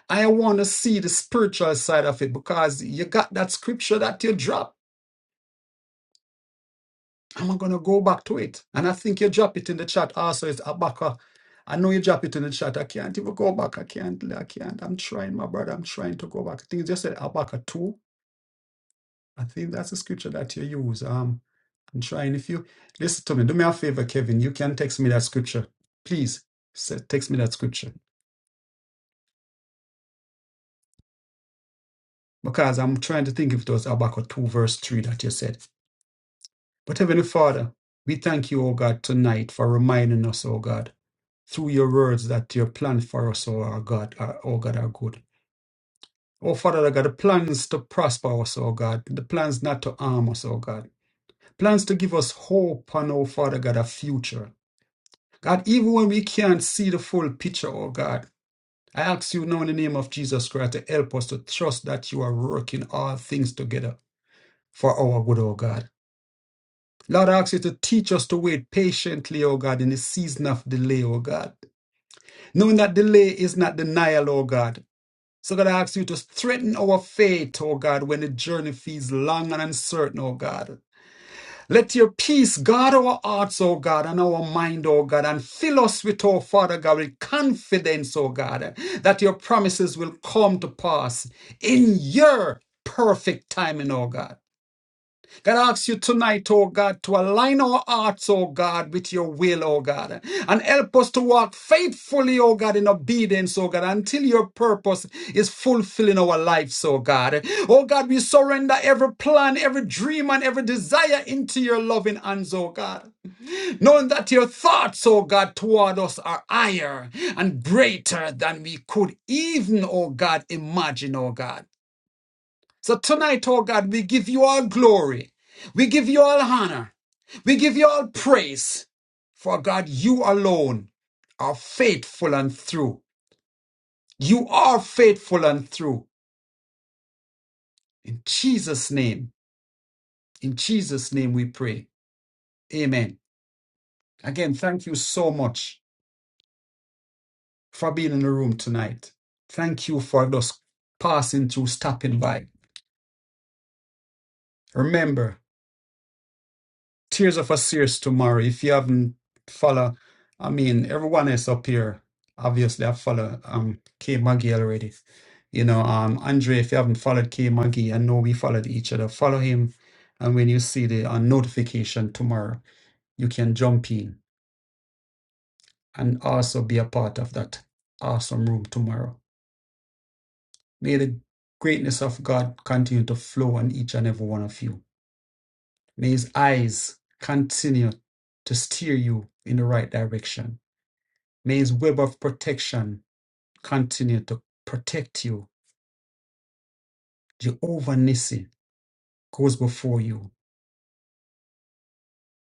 A: I want to see the spiritual side of it because you got that scripture that you dropped. I'm going to go back to it. And I think you drop it in the chat also. It's Abaka. I know you drop it in the chat. I can't even go back. I can't. I can't. I'm trying, my brother. I'm trying to go back. I think you just said Abaka 2 I think that's a scripture that you use. Um, I'm trying. If you listen to me, do me a favor, Kevin. You can text me that scripture, please. Say, text me that scripture because I'm trying to think if it was Habakkuk two verse three that you said. But Heavenly Father, we thank you, O God, tonight for reminding us, O God, through your words that your plan for us, O our God, are, O God, are good. Oh Father, Lord God, the plans to prosper us, O God, the plans not to harm us, O God, plans to give us hope, and O Father God, a future. God, even when we can't see the full picture, oh God, I ask you now in the name of Jesus Christ to help us to trust that you are working all things together for our good, oh God. Lord, I ask you to teach us to wait patiently, oh God, in the season of delay, oh God. Knowing that delay is not denial, oh God. So God, I ask you to strengthen our faith, oh God, when the journey feels long and uncertain, oh God. Let your peace guard our hearts, O God, and our mind, O God, and fill us with, O Father God, with confidence, O God, that your promises will come to pass in your perfect timing, O God. God asks you tonight, oh God, to align our hearts, oh God, with your will, oh God, and help us to walk faithfully, oh God, in obedience, oh God, until your purpose is fulfilling our lives, oh God. Oh God, we surrender every plan, every dream, and every desire into your loving hands, oh God. Knowing that your thoughts, oh God, toward us are higher and greater than we could even, oh God, imagine, oh God. So tonight, oh God, we give you all glory. We give you all honor. We give you all praise. For God, you alone are faithful and true. You are faithful and true. In Jesus' name, in Jesus' name we pray. Amen. Again, thank you so much for being in the room tonight. Thank you for just passing through, stopping by. Remember, Tears of a Sears tomorrow. If you haven't follow, I mean, everyone is up here. Obviously, I follow um K Maggie already. You know, um Andre, if you haven't followed K Maggie, I know we followed each other. Follow him, and when you see the uh, notification tomorrow, you can jump in and also be a part of that awesome room tomorrow. May the greatness of God continue to flow on each and every one of you. May His eyes continue to steer you in the right direction May his web of protection continue to protect you. Jehovah Nissi goes before you.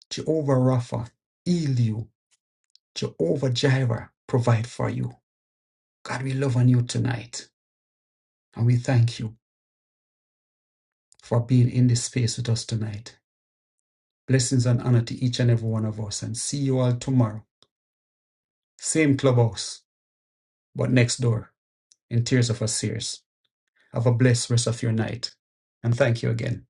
A: Jehovah Rapha, heal you. Jehovah Jireh, provide for you. God, we love on you tonight. And we thank you for being in this space with us tonight. Blessings and honor to each and every one of us. And see you all tomorrow. Same clubhouse, but next door in Tears of a Sears. Have a blessed rest of your night. And thank you again.